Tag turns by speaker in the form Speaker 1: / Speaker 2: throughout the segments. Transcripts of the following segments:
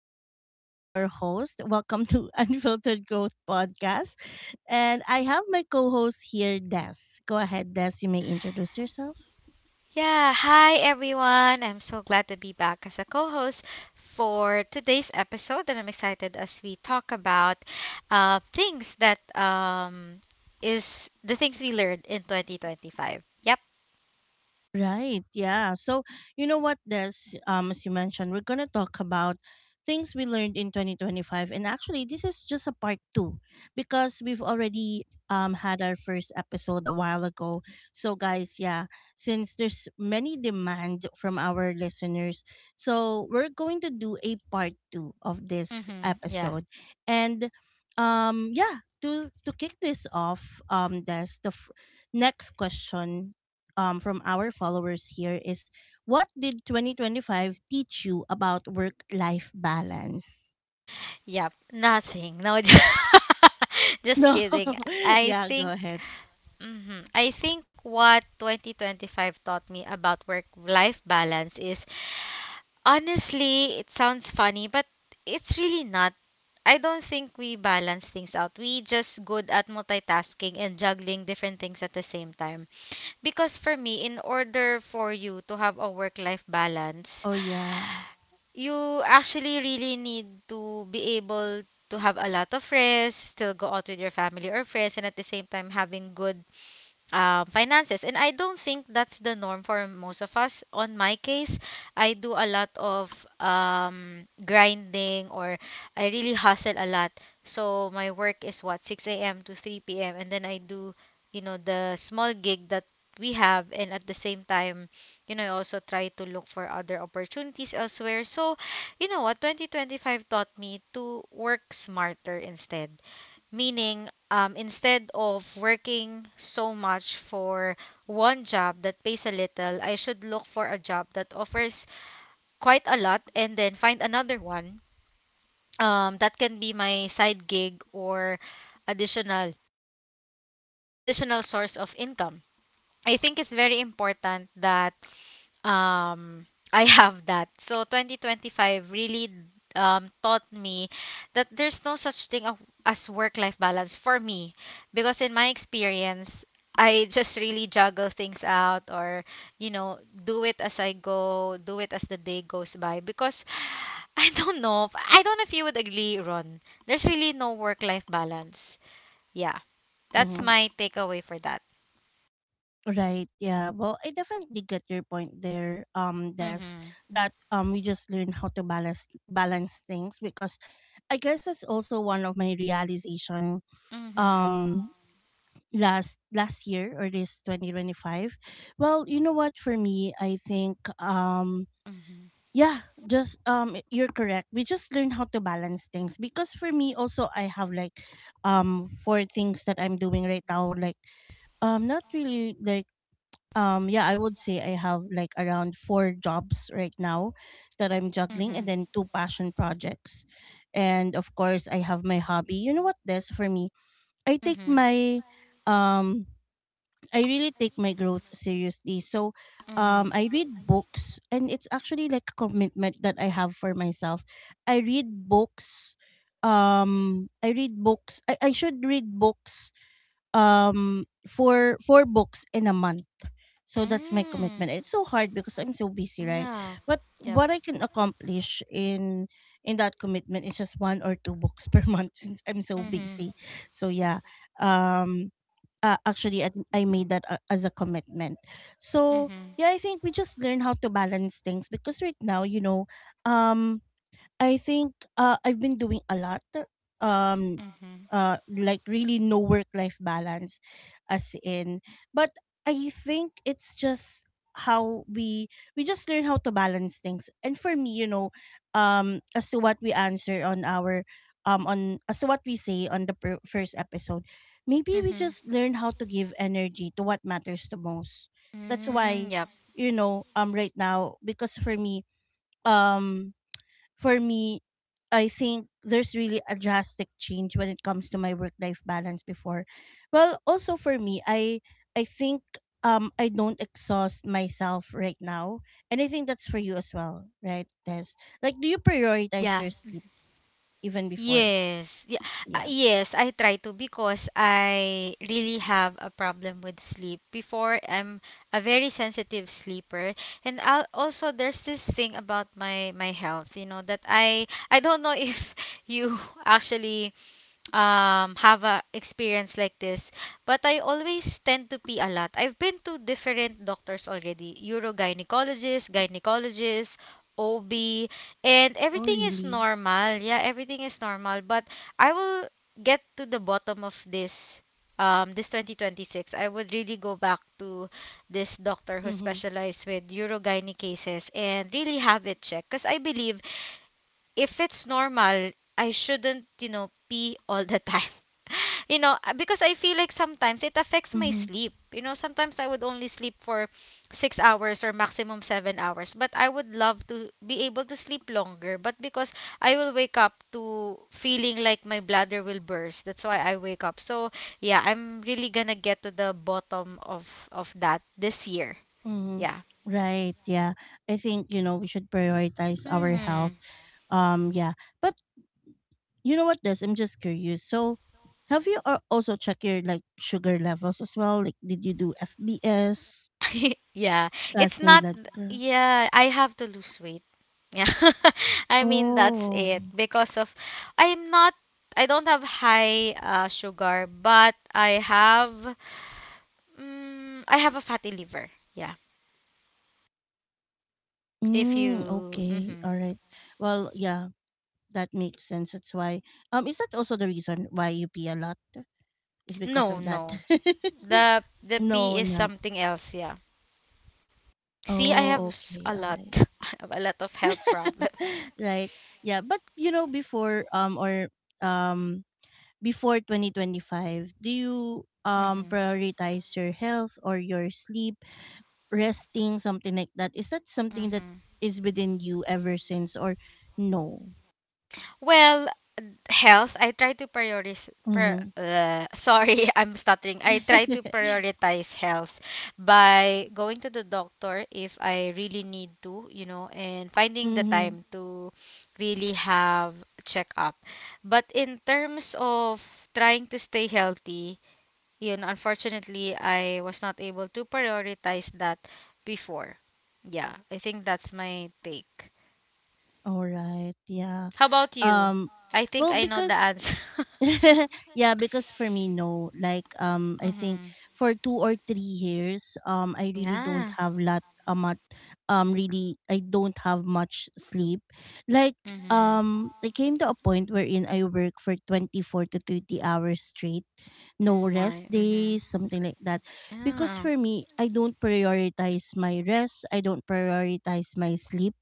Speaker 1: is Ron, your host. Welcome to Unfiltered Growth Podcast. And I have my co host here, Des. Go ahead, Des. You may introduce yourself.
Speaker 2: Yeah, hi everyone. I'm so glad to be back as a co host for today's episode, and I'm excited as we talk about things that is the things we learned in 2025. Yep.
Speaker 1: Right. Yeah. So, you know what, Des? As you mentioned, we're gonna talk about things we learned in 2025, and actually, this is just a part two because we've already had our first episode a while ago. So, guys, yeah, since there's many demand from our listeners, so we're going to do a part two of this
Speaker 2: Mm-hmm. Yeah.
Speaker 1: episode, and yeah. To kick this off, Des, next question from our followers here is what did 2025 teach you about work life balance?
Speaker 2: Yep. Nothing. No, just
Speaker 1: No.
Speaker 2: kidding. I
Speaker 1: Yeah,
Speaker 2: think.
Speaker 1: go ahead.
Speaker 2: Mhm. I think what 2025 taught me about work life balance is, honestly, it sounds funny, but it's really not. I don't think we balance things out. We just good at multitasking and juggling different things at the same time. Because for me, in order for you to have a work-life balance,
Speaker 1: Oh, yeah.
Speaker 2: you actually really need to be able to have a lot of rest, still go out with your family or friends, and at the same time having good finances. And I don't think that's the norm for most of us. On my case, I do a lot of grinding or I really hustle a lot. So my work is what, 6 a.m. to 3 p.m. And then I do, you know, the small gig that we have. And at the same time, you know, I also try to look for other opportunities elsewhere. So, you know what, 2025 taught me to work smarter instead. Meaning, instead of working so much for one job that pays a little, I should look for a job that offers quite a lot and then find another one. That can be my side gig or additional additional source of income. I think it's very important that um I have that. So 2025 really taught me that there's no such thing as work life balance for me, because in my experience I just really juggle things out or, you know, do it as I go, do it as the day goes by. Because I don't know if you would agree, Ron. There's really no work life balance. Yeah. That's
Speaker 1: Mhm.
Speaker 2: my takeaway for that.
Speaker 1: Right. Yeah. Well, I definitely get your point there, Des,
Speaker 2: Mhm.
Speaker 1: that we just learn how to balance things because I guess that's also one of my realization
Speaker 2: Mhm.
Speaker 1: um last year or this 2025. Well, you know what, for me I think, yeah, just, you're correct, we just learn how to balance things because for me also, I have like, four things that I'm doing right now, like, not really like, yeah, I would say I have like around four jobs right now that I'm juggling,
Speaker 2: Mhm.
Speaker 1: and then two passion projects, and of course I have my hobby. You know what, this for me, I take
Speaker 2: Mhm.
Speaker 1: my, um I really take my growth seriously. So
Speaker 2: Mhm.
Speaker 1: I read books, and it's actually like a commitment that I have for myself. I read books, I read books. I should read books, for four books in a month. So that's my
Speaker 2: Mm.
Speaker 1: commitment. It's so hard because I'm so busy, right?
Speaker 2: Yeah.
Speaker 1: But
Speaker 2: Yep.
Speaker 1: what I can accomplish in that commitment is just one or two books per month since I'm so busy. So yeah. Um actually I made that as a commitment. So
Speaker 2: Mm-hmm.
Speaker 1: yeah, I think we just learn how to balance things because right now, you know, um I think I've been doing a lot. Um, like really no work life balance, as in. But I think it's just how we just learn how to balance things. And for me, you know, as to what we answer on our, on, as to what we say on the first episode, maybe we
Speaker 2: Mm-hmm.
Speaker 1: just learn how to give energy to what matters the most. That's
Speaker 2: Mm,
Speaker 1: why,
Speaker 2: yep.
Speaker 1: you know, right now, because um for me, I think there's really a drastic change when it comes to my work life balance before. Well, also for me, I think I don't exhaust myself right now. And I think that's for you as well, right, Des? Like, do you prioritize
Speaker 2: Yeah.
Speaker 1: your sleep even before?
Speaker 2: Yes. Yeah.
Speaker 1: Yeah.
Speaker 2: Yes, I try to because I really have a problem with sleep. Before, I'm a very sensitive sleeper, and I'll, also there's this thing about my health, you know, that I don't know if you actually have a experience like this, but I always tend to pee a lot. I've been to different doctors already, urogynecologist, gynecologist, OB, and
Speaker 1: Oh,
Speaker 2: everything is
Speaker 1: really?
Speaker 2: normal. Yeah, everything is normal, but I will get to the bottom of this, this 2026. I would really go back to this doctor who
Speaker 1: Mm-hmm.
Speaker 2: specializes with urogyne cases and really have it checked, because I believe if it's normal I shouldn't, you know, pee all the time, you know. Because I feel like sometimes it affects my
Speaker 1: Mm-hmm.
Speaker 2: sleep. You know, sometimes I would only sleep for 6 hours or maximum 7 hours, but I would love to be able to sleep longer. But because I will wake up to feeling like my bladder will burst, that's why I wake up. So yeah, I'm really gonna get to the bottom of that this year.
Speaker 1: Mm-hmm.
Speaker 2: Yeah.
Speaker 1: Right. Yeah. I think, you know, we should prioritize our
Speaker 2: Mhm.
Speaker 1: health. Yeah. But you know what, this? I'm just curious. So, have you also checked your like sugar levels as well? Like, did you do FBS,
Speaker 2: Yeah, it's
Speaker 1: fasting
Speaker 2: not.
Speaker 1: blood sugar?
Speaker 2: Yeah, I have to lose weight. Yeah, I mean that's it
Speaker 1: Oh,
Speaker 2: because of, I'm not. I don't have high sugar, but I have. Mm, I have a fatty liver. Yeah, if
Speaker 1: mm,
Speaker 2: you.
Speaker 1: okay,
Speaker 2: Mhm.
Speaker 1: all right. Well, yeah, that makes sense. That's why. Is that also the reason why you pee a lot? Is
Speaker 2: No,
Speaker 1: because of
Speaker 2: no.
Speaker 1: that?
Speaker 2: The P is
Speaker 1: No, not.
Speaker 2: something else. Yeah. See, I have
Speaker 1: Oh,
Speaker 2: s- a
Speaker 1: okay, all
Speaker 2: lot,
Speaker 1: right,
Speaker 2: I have a lot of health problems.
Speaker 1: right. Yeah, but you know, before or um before 2025, do you
Speaker 2: Hmm.
Speaker 1: prioritize your health or your sleep, resting, something like that? Is that something that
Speaker 2: Hmm.
Speaker 1: is within you ever since, or no?
Speaker 2: Well, health, I try to prioritize.
Speaker 1: Mm-hmm.
Speaker 2: I'm stuttering. I try to prioritize health by going to the doctor if I really need to, you know, and finding the
Speaker 1: Mm-hmm.
Speaker 2: time to really have checkup. But in terms of trying to stay healthy, you know, unfortunately, I was not able to prioritize that before. Yeah, I think that's my take.
Speaker 1: All right, yeah.
Speaker 2: How about you?
Speaker 1: um
Speaker 2: I think
Speaker 1: well,
Speaker 2: I know the
Speaker 1: because
Speaker 2: answer.
Speaker 1: yeah, because for me, no. Like, I think
Speaker 2: Mhm.
Speaker 1: for 2 or 3 years, I really don't
Speaker 2: Yeah.
Speaker 1: have a much, really, I don't have much sleep. Like,
Speaker 2: Mm-hmm.
Speaker 1: I came to a point wherein I work for 24 to 30 hours straight,
Speaker 2: Oh
Speaker 1: no
Speaker 2: my.
Speaker 1: rest
Speaker 2: Mm-hmm.
Speaker 1: days, something like that. Because
Speaker 2: Yeah.
Speaker 1: for me, I don't prioritize my rest. I don't prioritize my sleep.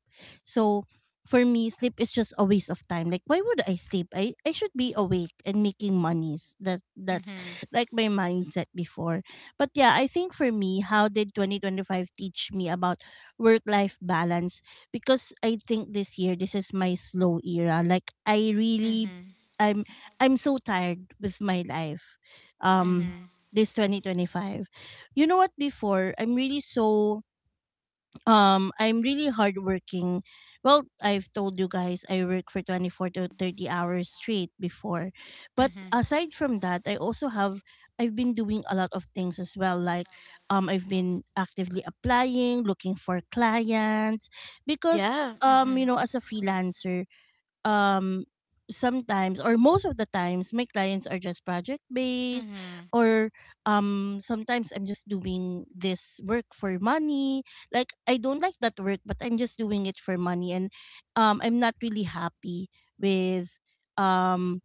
Speaker 1: So for me, sleep is just a waste of time. Like, why would I sleep? I should be awake and making monies. That's
Speaker 2: Mm-hmm.
Speaker 1: like my mindset before. But yeah, I think for me, how did 2025 teach me about work life balance? Because I think this year, this is my slow era. Like, I really I'm I'm so tired with my life. Um
Speaker 2: Mm-hmm.
Speaker 1: this 2025. You know what, before, I'm really so I'm really hardworking. Well, I've told you guys I work for 24 to 30 hours straight before. But
Speaker 2: Mm-hmm.
Speaker 1: aside from that, I also have I've been doing a lot of things as well, like, I've been actively applying, looking for clients because,
Speaker 2: Yeah.
Speaker 1: you
Speaker 2: Mm-hmm.
Speaker 1: know, as a freelancer, um sometimes, or most of the times, my clients are just project based,
Speaker 2: Mm-hmm.
Speaker 1: or sometimes I'm just doing this work for money. Like, I don't like that work, but I'm just doing it for money, and I'm not really happy with um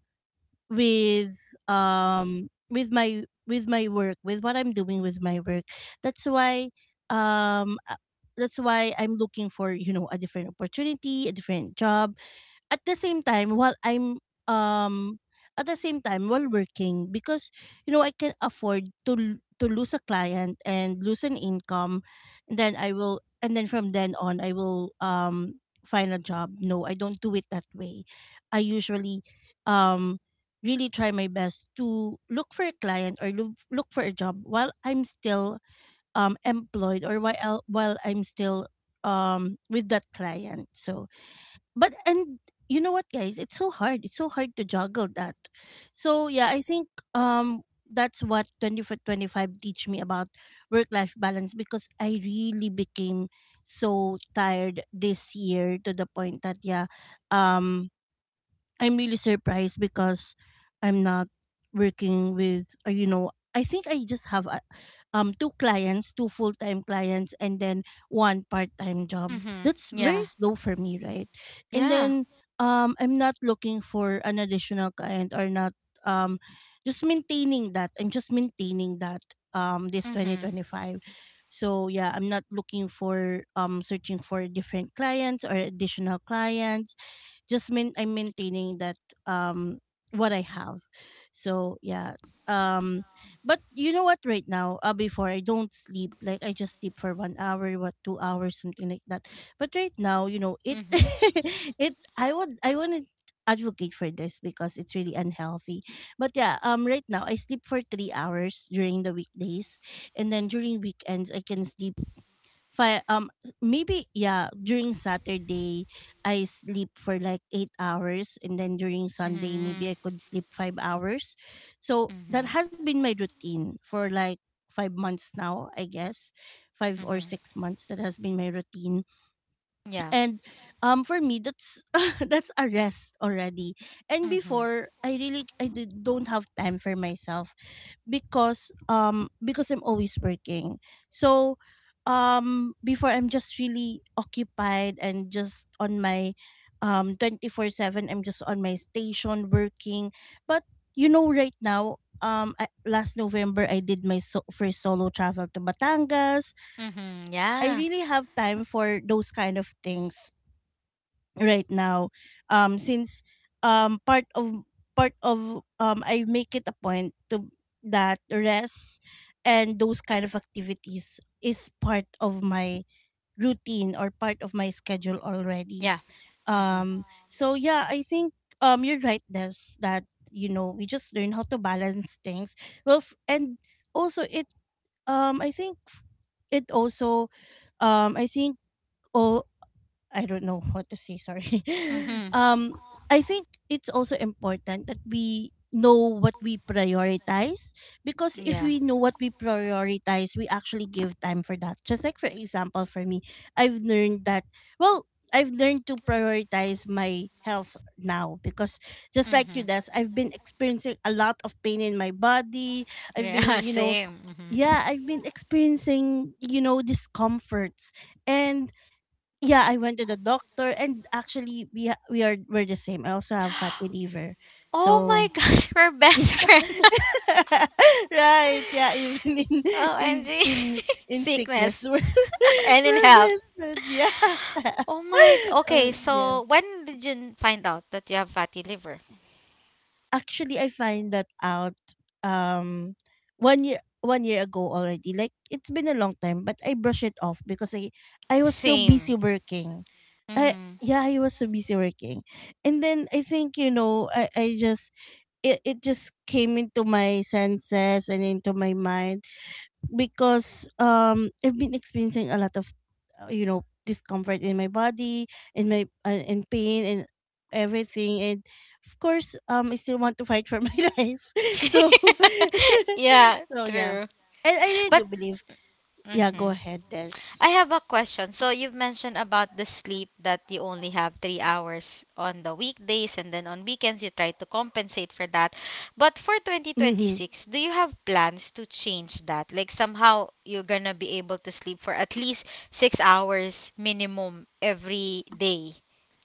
Speaker 1: with with my work, with what I'm doing with my work. That's why um uh, that's why I'm looking for, you know, a different opportunity, a different job at the same time while I'm um at the same time while working, because, you know, I can afford to to lose a client and lose an income, and then I will and then from then on I will find a job. No, I don't do it that way. I usually um really try my best to look for a client or look for a job while I'm still employed, or while I'm still with that client. So but and you know what, guys, it's so hard, it's so hard to juggle that. So yeah, I think, um that's what 25 teach me about work life balance, because I really became so tired this year to the point that yeah, um I'm really surprised because I'm not working with, you know, I think I just have, two clients, two full-time clients, and then one part-time job.
Speaker 2: Mm-hmm.
Speaker 1: That's very
Speaker 2: Yeah.
Speaker 1: slow for me, right? And
Speaker 2: Yeah.
Speaker 1: then I'm not looking for an additional client or not um just maintaining that. I'm just maintaining that this
Speaker 2: Mm-hmm.
Speaker 1: 2025. So yeah, I'm not looking for searching for different clients or additional clients, just mean I'm maintaining that um what I have. So yeah. Um but you know what, right now, before I don't sleep. Like, I just sleep for 1 hour, what, 2 hours, something like that. But right now, you know, it it I would I wouldn't advocate for this because it's really unhealthy. But yeah, right now I sleep for 3 hours during the weekdays, and then during weekends I can sleep five maybe yeah, during Saturday I sleep for like 8 hours, and then during Sunday maybe I could sleep 5 hours. So
Speaker 2: Mm-hmm.
Speaker 1: that has been my routine for like 5 months now, I guess. 5 or
Speaker 2: Mm-hmm.
Speaker 1: 6 months that has been my routine.
Speaker 2: Yeah.
Speaker 1: And for me, that's that's a rest already. And
Speaker 2: Mm-hmm.
Speaker 1: before, I really don't have time for myself because I'm always working. So before I'm just really occupied and just on my 24/7 I'm just on my station working. But you know, right now, last November I did my first solo travel to Batangas.
Speaker 2: Mm-hmm.
Speaker 1: I
Speaker 2: Yeah.
Speaker 1: really have time for those kind of things right now, since, um part of part of I make it a point to that rest and those kind of activities is part of my routine or part of my schedule already.
Speaker 2: Yeah. Mm-hmm.
Speaker 1: So yeah, I think, you're right, Des, that, you know, we just learn how to balance things. Well, and also it I think it also I think all I don't know what to say, sorry.
Speaker 2: Mm-hmm.
Speaker 1: Um I think it's also important that we know what we prioritize, because if
Speaker 2: Yeah.
Speaker 1: we know what we prioritize, we actually give time for that. Just like for example for me, I've learned that well, I've learned to prioritize my health now, because just like
Speaker 2: Mm-hmm.
Speaker 1: you does, I've been experiencing a lot of pain in my body. I've been,
Speaker 2: Yeah.
Speaker 1: you know,
Speaker 2: Same. Mm-hmm.
Speaker 1: yeah, I've been experiencing, you know, discomforts. And yeah, I went to the doctor, and actually we we are we're the same. I also have fatty liver.
Speaker 2: Oh
Speaker 1: So
Speaker 2: my gosh, we're
Speaker 1: yeah.
Speaker 2: best friends.
Speaker 1: right. Yeah, even in
Speaker 2: OMG.
Speaker 1: in in sickness
Speaker 2: Sickness
Speaker 1: we're,
Speaker 2: and in
Speaker 1: we're
Speaker 2: health.
Speaker 1: best friends. Yeah.
Speaker 2: Oh my. Okay,
Speaker 1: Yeah.
Speaker 2: so when did you find out that you have fatty liver?
Speaker 1: Actually I find that out um 1 year ago already. Like, it's been a long time, but I brush it off because I was so
Speaker 2: Same.
Speaker 1: busy working I
Speaker 2: Mhm.
Speaker 1: yeah, he was so busy working. And then I think, you know, I just it just came into my senses and into my mind because I've been experiencing a lot of you know, discomfort in my body in my in pain and everything. And of course, I still want to fight for my life, so
Speaker 2: Yeah,
Speaker 1: so yeah,
Speaker 2: true.
Speaker 1: and I really do believe. Yeah, go
Speaker 2: Hmm.
Speaker 1: ahead, Des.
Speaker 2: I have a question. So you've mentioned about the sleep that you only have 3 hours on the weekdays and then on weekends you try to compensate for that. But for
Speaker 1: Mm-hmm.
Speaker 2: 2026, do you have plans to change that? Like somehow you're gonna be able to sleep for at least 6 hours minimum every day.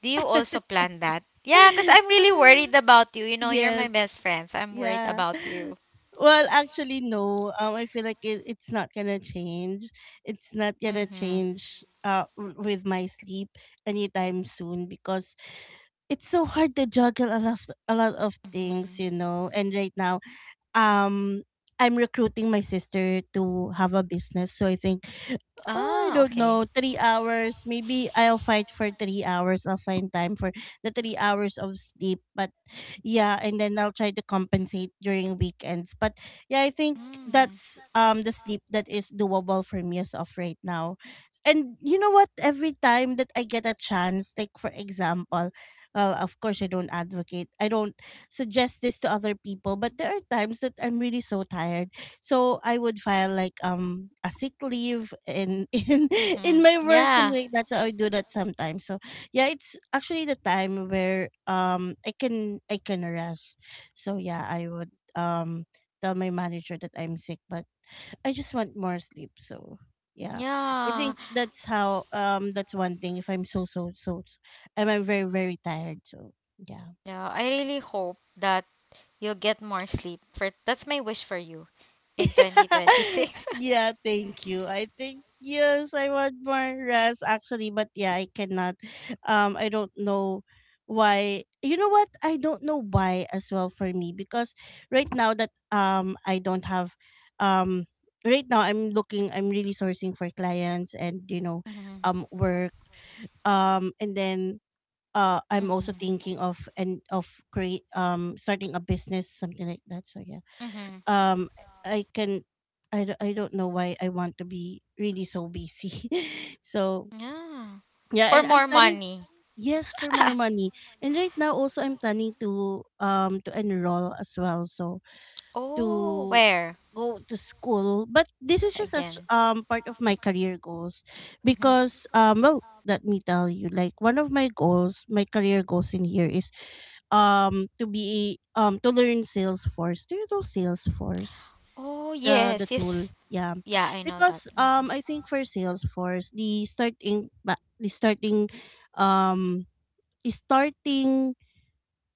Speaker 2: Do you also plan that? Yeah, because I'm really worried about you. You know, you're my
Speaker 1: Yes.
Speaker 2: best friend, so I'm worried
Speaker 1: Yeah.
Speaker 2: about you.
Speaker 1: Well, actually, no. I feel like it's not gonna change. It's not gonna change. With my sleep anytime soon, because it's so hard to juggle a lot of
Speaker 2: Mm-hmm.
Speaker 1: things, you know. And right now, um, I'm recruiting my sister to have a business, so I think I
Speaker 2: Ah,
Speaker 1: don't
Speaker 2: okay.
Speaker 1: know, 3 hours. Maybe I'll fight for 3 hours. I'll find time for the 3 hours of sleep. But yeah, and then I'll try to compensate during weekends. But yeah, I think
Speaker 2: Mm.
Speaker 1: that's the sleep that is doable for me as of right now. And you know what? Every time that I get a chance, like for example, well, of course I don't advocate. I don't suggest this to other people, but there are times that I'm really so tired, so I would file like a sick leave in
Speaker 2: Mm.
Speaker 1: in my work,
Speaker 2: Yeah,
Speaker 1: something like that. So I do that sometimes. So yeah, it's actually the time where I can rest. So yeah, I would tell my manager that I'm sick, but I just want more sleep. So yeah, I
Speaker 2: yeah,
Speaker 1: think that's how that's one thing. If I'm so I'm very, very tired. So yeah.
Speaker 2: yeah. I really hope that you'll get more sleep. For that's my wish for you in 2026.
Speaker 1: Yeah, thank you. I think yes, I want more rest actually, but yeah, I cannot. I don't know why. You know what? I don't know why as well for me, because right now that I don't have um right now I'm really sourcing for clients, and you know,
Speaker 2: Mhm,
Speaker 1: work, and then I'm
Speaker 2: mhm,
Speaker 1: also
Speaker 2: mhm.
Speaker 1: thinking of and of create starting a business, something like that. So yeah, um i can I don't know why I want to be really so busy. So
Speaker 2: Yeah.
Speaker 1: yeah,
Speaker 2: For
Speaker 1: and I'm
Speaker 2: more
Speaker 1: planning.
Speaker 2: money.
Speaker 1: Yes, for more money. And right now also I'm planning to enroll as well, so
Speaker 2: Oh,
Speaker 1: to
Speaker 2: where
Speaker 1: go to school, but this is just as
Speaker 2: again?
Speaker 1: part of my career goals.
Speaker 2: Mhm.
Speaker 1: Because well, let me tell you, like one of my goals, my career goals in here is to be to learn Salesforce. Do you know Salesforce,
Speaker 2: Oh,
Speaker 1: the
Speaker 2: yes, yes.
Speaker 1: tool? Yeah,
Speaker 2: Yeah, I know that.
Speaker 1: because
Speaker 2: Mhm.
Speaker 1: I think for Salesforce, um the starting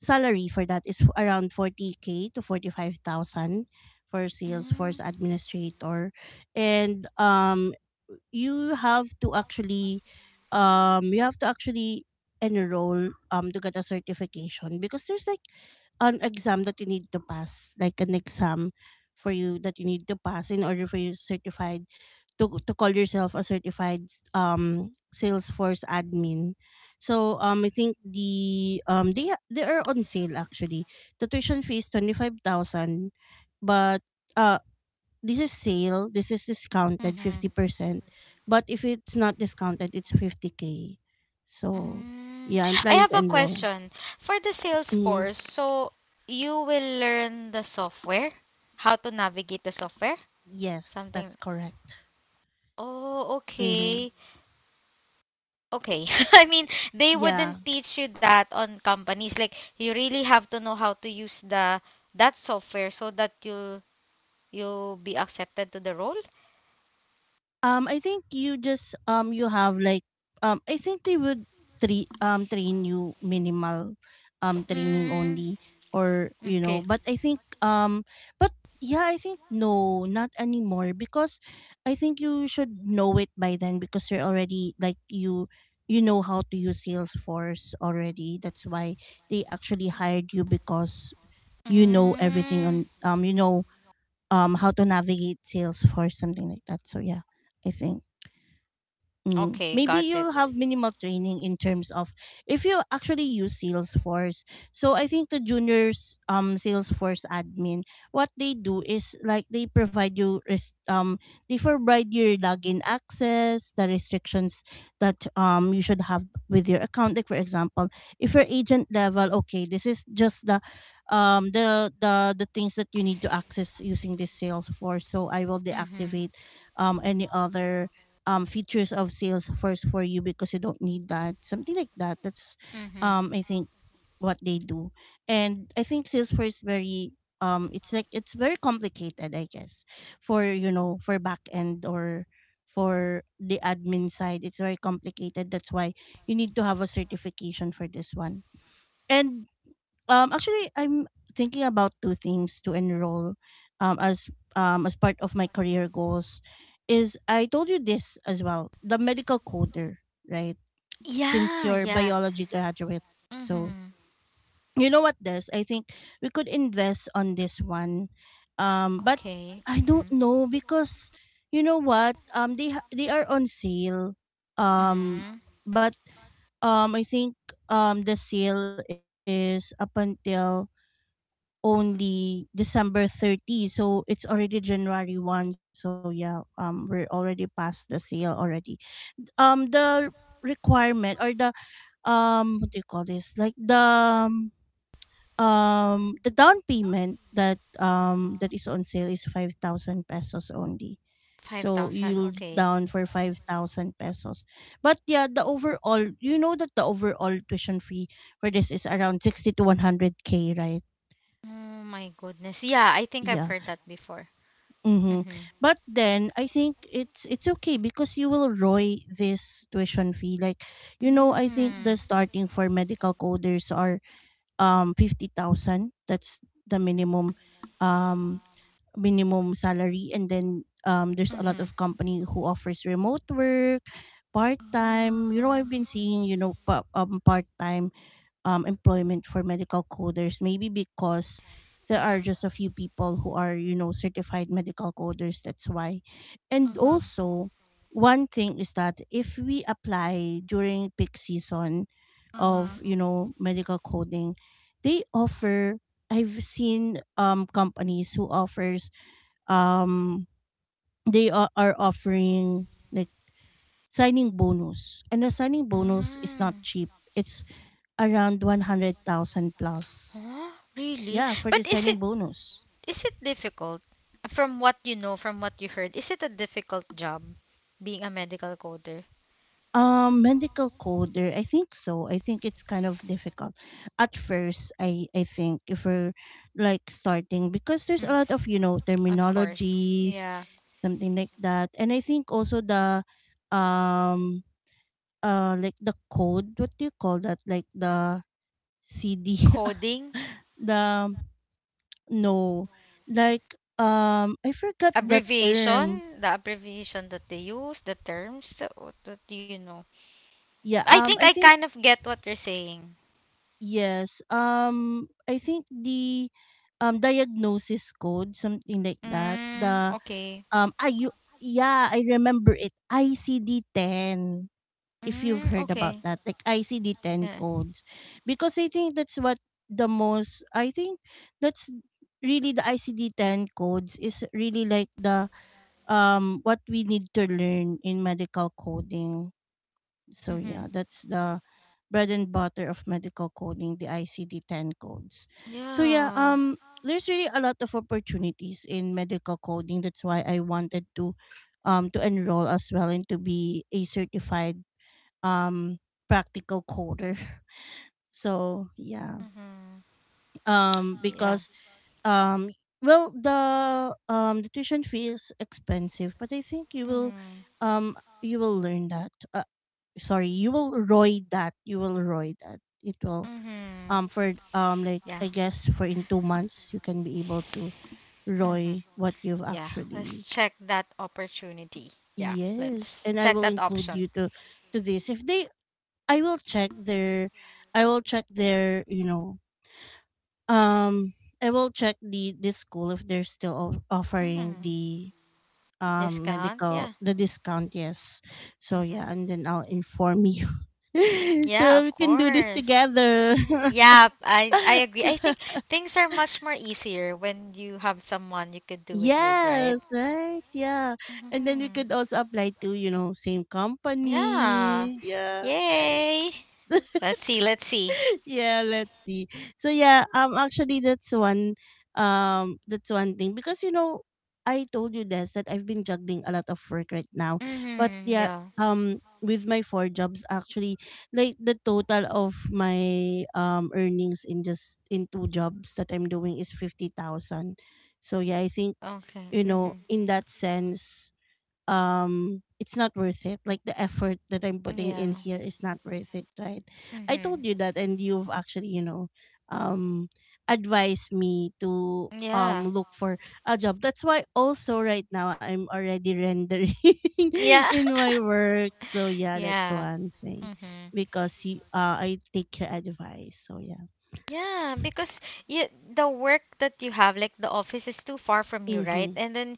Speaker 1: salary for that is around 40k to 45,000 for sales
Speaker 2: Mm,
Speaker 1: force administrator. And you have to actually you have to actually enroll to get a certification, because there's like an exam that you need to pass, like an exam for you that you need to pass in order for you to certified to call yourself a certified Salesforce admin. So I think the they are on sale actually. The tuition fee is 25,000, but uh, this is sale, this is discounted
Speaker 2: mhm,
Speaker 1: 50%. But if it's not discounted, it's 50k. So
Speaker 2: mm.
Speaker 1: yeah, I'm
Speaker 2: I
Speaker 1: planning
Speaker 2: have
Speaker 1: to
Speaker 2: a
Speaker 1: enroll.
Speaker 2: question. For the
Speaker 1: Mm,
Speaker 2: Salesforce, so you will learn the software, how to navigate the software?
Speaker 1: yes, that's
Speaker 2: Something.
Speaker 1: correct.
Speaker 2: Oh,
Speaker 1: Mhm.
Speaker 2: okay. Okay. I mean, they
Speaker 1: Yeah.
Speaker 2: wouldn't teach you that on companies. Like you really have to know how to use the that software so that you'll be accepted to the role.
Speaker 1: I think you just you have like I think they would train train you minimal training
Speaker 2: Mm,
Speaker 1: only, or you know.
Speaker 2: okay.
Speaker 1: But I think but yeah, I think no, not anymore, because I think you should know it by then, because you're already like you know how to use Salesforce already. That's why they actually hired you, because you know everything
Speaker 2: Mm,
Speaker 1: on you know how to navigate Salesforce, something like that. So yeah, I think. Mm.
Speaker 2: okay,
Speaker 1: Maybe
Speaker 2: got it.
Speaker 1: you'll have minimal training in terms of if you actually use Salesforce. So I think the juniors Salesforce admin, what they do is like they they provide your login access, the restrictions that you should have with your account. Like for example, if you're agent level, okay, this is just the the things that you need to access using this Salesforce. So I will deactivate any other features of Salesforce for you, because you don't need that. Something like that. That's
Speaker 2: Mm-hmm.
Speaker 1: I think what they do. And I think Salesforce very it's like it's very complicated, I guess, for you know, for back end or for the admin side. It's very complicated. That's why you need to have a certification for this one. And actually, I'm thinking about two things to enroll, um, as as part of my career goals. Is I told you this as well, the medical coder, right? Since
Speaker 2: Yeah,
Speaker 1: you're
Speaker 2: yeah.
Speaker 1: biology graduate, so
Speaker 2: Mm-hmm.
Speaker 1: you know what this. I think we could invest on this one, but
Speaker 2: Okay.
Speaker 1: I
Speaker 2: Mm-hmm.
Speaker 1: don't know, because you know what, they are on sale, um,
Speaker 2: Mm-hmm.
Speaker 1: but I think the sale is up until only December 30. So it's already January 1. So yeah, we're already past the sale already. The requirement or the what do you call this? Like the down payment that that is on sale is 5,000 pesos only. So
Speaker 2: 5,000.
Speaker 1: you'll
Speaker 2: Okay.
Speaker 1: down for 5,000 pesos. But yeah, the overall, you know that the overall tuition fee for this is around 60 to 100k, right?
Speaker 2: Oh my goodness. Yeah, I think I've
Speaker 1: Yeah.
Speaker 2: heard that before.
Speaker 1: Mm-hmm.
Speaker 2: Mm-hmm.
Speaker 1: But then I think it's okay, because you will roy this tuition fee. Like, you know, I think the starting for medical coders are 50,000. That's the minimum um minimum salary. And then there's a lot
Speaker 2: Mm-hmm.
Speaker 1: of company who offers remote work, part
Speaker 2: Ah.
Speaker 1: time. You know, I've been seeing, you know, part time employment for medical coders, maybe because there are
Speaker 2: Mm-hmm.
Speaker 1: just a few people who are you know certified medical coders. That's why. And
Speaker 2: Uh-huh.
Speaker 1: also one thing is that if we apply during peak season
Speaker 2: Uh-huh.
Speaker 1: of you know medical coding, they offer, I've seen companies who offers um they are offering like signing bonus, and the signing bonus is not
Speaker 2: Mm.
Speaker 1: cheap. It's around 100,000 plus.
Speaker 2: Oh, really?
Speaker 1: Yeah, for
Speaker 2: But
Speaker 1: designing bonus.
Speaker 2: is it difficult? From what you know, from what you heard, is it a difficult job being a medical coder?
Speaker 1: Medical coder, I think so. I think it's kind of difficult at first. I think if we're like starting, because there's a
Speaker 2: Mm,
Speaker 1: lot of you know
Speaker 2: of course.
Speaker 1: terminologies,
Speaker 2: Yeah.
Speaker 1: something like that. And I think also the um like the code. What do you call that? Like the CD,
Speaker 2: Coding,
Speaker 1: the no, like I forgot the term.
Speaker 2: abbreviation that they use, the terms, what do you know?
Speaker 1: Yeah,
Speaker 2: I think
Speaker 1: I
Speaker 2: I
Speaker 1: think.
Speaker 2: kind of get what you're saying.
Speaker 1: Yes. I think the diagnosis code, something like that.
Speaker 2: Mm,
Speaker 1: The
Speaker 2: okay.
Speaker 1: I you yeah, I remember it. ICD ten. If you've
Speaker 2: Mm,
Speaker 1: heard about
Speaker 2: okay.
Speaker 1: that. Like ICD ten
Speaker 2: Yeah.
Speaker 1: codes. Because I think that's what the most I think that's really the ICD ten codes is really like the what we need to learn in medical coding. So
Speaker 2: Mm-hmm.
Speaker 1: yeah, that's the bread and butter of medical coding, the ICD-10 codes. So yeah,
Speaker 2: Yeah.
Speaker 1: there's really a lot of opportunities in medical coding. That's why I wanted to enroll as well and to be a certified um practical coder. So yeah,
Speaker 2: Mm-hmm.
Speaker 1: because um, well, the tuition fee is expensive, but I think
Speaker 2: Mm-hmm.
Speaker 1: you will learn that. Sorry, you will roy that. You will roy that. It will
Speaker 2: Mm-hmm.
Speaker 1: for like
Speaker 2: Yeah.
Speaker 1: I guess for in 2 months you can be able to
Speaker 2: Mm-hmm.
Speaker 1: roy what you've
Speaker 2: Yeah. Let's
Speaker 1: actually.
Speaker 2: check that opportunity. Yeah.
Speaker 1: Yes,
Speaker 2: Let's
Speaker 1: and I
Speaker 2: check
Speaker 1: will
Speaker 2: that
Speaker 1: include
Speaker 2: option.
Speaker 1: you to this if they I will check their I will check their you know um I will check the school if they're still
Speaker 2: Mm-hmm.
Speaker 1: offering the
Speaker 2: Discount.
Speaker 1: medical
Speaker 2: Yeah.
Speaker 1: the discount, yes. So yeah,
Speaker 2: Mm-hmm.
Speaker 1: and then I'll inform you.
Speaker 2: Yeah,
Speaker 1: So
Speaker 2: of
Speaker 1: we can do this
Speaker 2: course.
Speaker 1: together.
Speaker 2: Yeah, I agree. I think things are much more easier when you have someone you could do it with, right?
Speaker 1: Yes, right? Yeah. And then we
Speaker 2: Mm-hmm.
Speaker 1: could also apply to, you know, same
Speaker 2: Yeah.
Speaker 1: company. Yeah, right.
Speaker 2: Yay. Let's see. Let's see.
Speaker 1: Yeah, let's see. So yeah, actually that's one thing, because you know I told you this that I've been juggling a lot of work right now. But
Speaker 2: Mm-hmm.
Speaker 1: yeah,
Speaker 2: Yeah.
Speaker 1: with my four jobs actually, like the total of my earnings in just in two jobs that I'm doing is 50,000. So yeah, I think
Speaker 2: Okay.
Speaker 1: you know
Speaker 2: Mm-hmm.
Speaker 1: in that sense it's not worth it, like the effort that I'm putting in
Speaker 2: Yeah.
Speaker 1: here is not worth it, right? I
Speaker 2: Mm-hmm.
Speaker 1: told you that, and you've actually, you know, um advised me to
Speaker 2: Yeah.
Speaker 1: look for a job. That's why also right now I'm already rendering
Speaker 2: Yeah.
Speaker 1: in my work. So yeah,
Speaker 2: Yeah.
Speaker 1: that's one thing,
Speaker 2: Mm-hmm.
Speaker 1: because you, I take your advice. So yeah,
Speaker 2: Yeah, because you, the work that you have, like the office is too far from you, right?
Speaker 1: mm-hmm.
Speaker 2: And then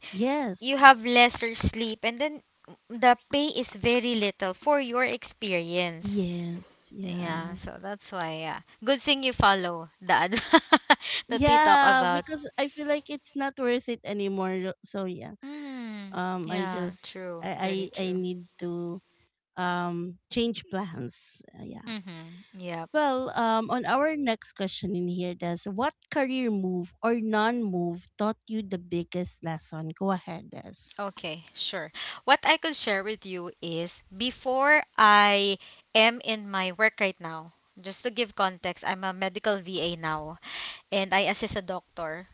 Speaker 2: you
Speaker 1: Yes.
Speaker 2: have lesser sleep, and then the pay is very little for your experience.
Speaker 1: Yes.
Speaker 2: Yeah,
Speaker 1: Yeah.
Speaker 2: so that's why, yeah. Good thing you follow the ad that we talk
Speaker 1: Yeah,
Speaker 2: about.
Speaker 1: because I feel like it's not worth it anymore. So yeah,
Speaker 2: Mm, yeah,
Speaker 1: I just
Speaker 2: true. Very
Speaker 1: I
Speaker 2: true.
Speaker 1: need to change plans. Yeah.
Speaker 2: Mm-hmm. Yeah.
Speaker 1: On our next question in here, Des, what career move or non-move taught you the biggest lesson? Go ahead, Des.
Speaker 2: Okay, sure. What I could share with you is before I am in my work right now, just to give context, I'm a medical VA now and I assist a doctor.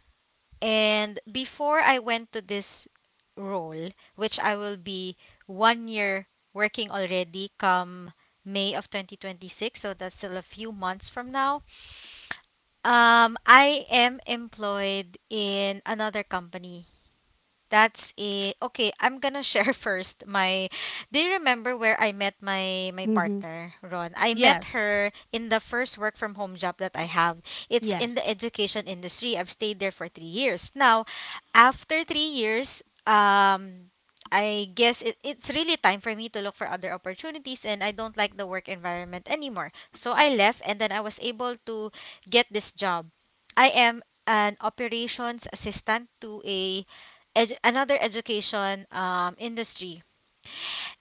Speaker 2: And before I went to this role, which I will be 1 year working already come May of 2026, so that's still a few months from now, I am employed in another company, that's it. Okay, I'm gonna share first my, do you remember where I met my
Speaker 1: Mm-hmm.
Speaker 2: partner, Ron? I met
Speaker 1: Yes.
Speaker 2: her in the first work from home job that I have. It's in the
Speaker 1: Yes.
Speaker 2: education industry. I've stayed there for 3 years. Now, after 3 years, I guess it's really time for me to look for other opportunities and I don't like the work environment anymore. So I left and then I was able to get this job. I am an operations assistant to a another education industry.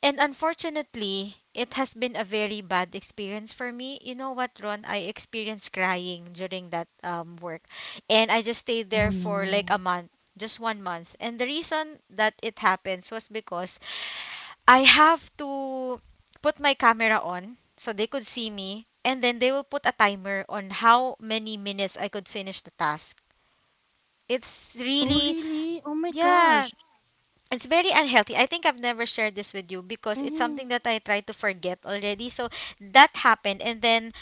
Speaker 2: And unfortunately, it has been a very bad experience for me. You know what, Ron? I experienced crying during that work. And I just stayed there
Speaker 1: Oh,
Speaker 2: for like a
Speaker 1: no.
Speaker 2: month, just 1 month. And the reason that it happens was because I have to put my camera on so they could see me. And then they will put a timer on how many minutes I could finish the task. It's
Speaker 1: Oh,
Speaker 2: really,
Speaker 1: really? Oh my
Speaker 2: yeah,
Speaker 1: gosh.
Speaker 2: it's very unhealthy. I think I've never shared this with you because it's something
Speaker 1: Mm-hmm.
Speaker 2: that I try to forget already. So that happened and then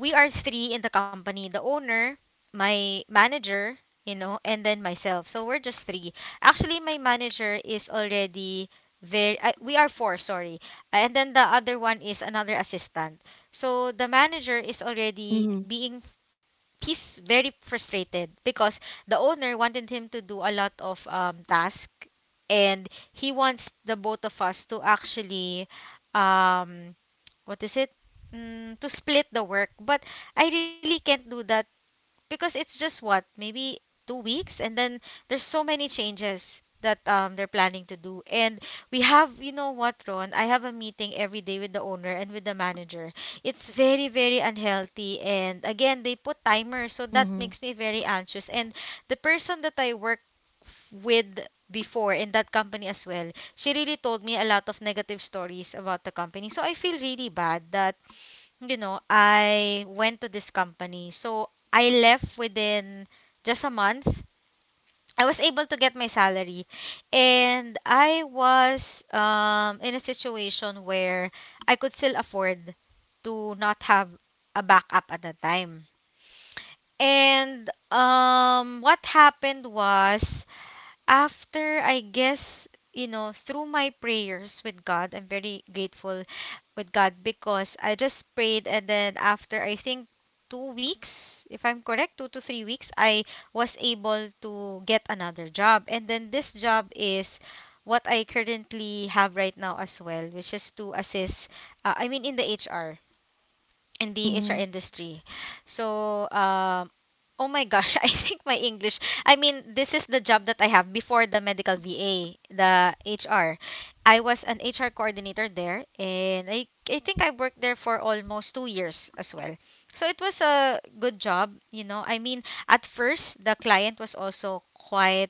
Speaker 2: we are three in the company, the owner, my manager, you know, and then myself. So we're just three. Actually, my manager is already very, I, we are four, sorry. And then the other one is another assistant. So the
Speaker 1: Mm-hmm.
Speaker 2: manager is already being, he's very frustrated because the owner wanted him to do a lot of task and he wants the both of us to actually um, what is it? To split the work, but I really can't do that because it's just what maybe 2 weeks and then there's so many changes that they're planning to do. And we have you know what, Ron? I have a meeting every day with the owner and with the manager. It's very, very unhealthy, and again they put timers,
Speaker 1: Mm-hmm.
Speaker 2: so that makes me very anxious. And the person that I work with before in that company as well, she really told me a lot of negative stories about the company, so I feel really bad that I went to this company. So I left within just a month. I was able to get my salary. And I was in a situation where I could still afford to not have a backup at the time. And what happened was, after I guess through my prayers with God, I'm very grateful with God because I just prayed, and then after, I think 2 weeks, if I'm correct, 2 to 3 weeks, I was able to get another job. And then this job is what I currently have right now as well, which is to assist I mean, in the HR
Speaker 1: Mm-hmm.
Speaker 2: industry. So, oh my gosh, I think my English. I mean, this is the job that I have before the medical VA, the HR. I was an HR coordinator there, and I think I worked there for almost 2 years as well. So it was a good job, you know. I mean, at first, the client was also quite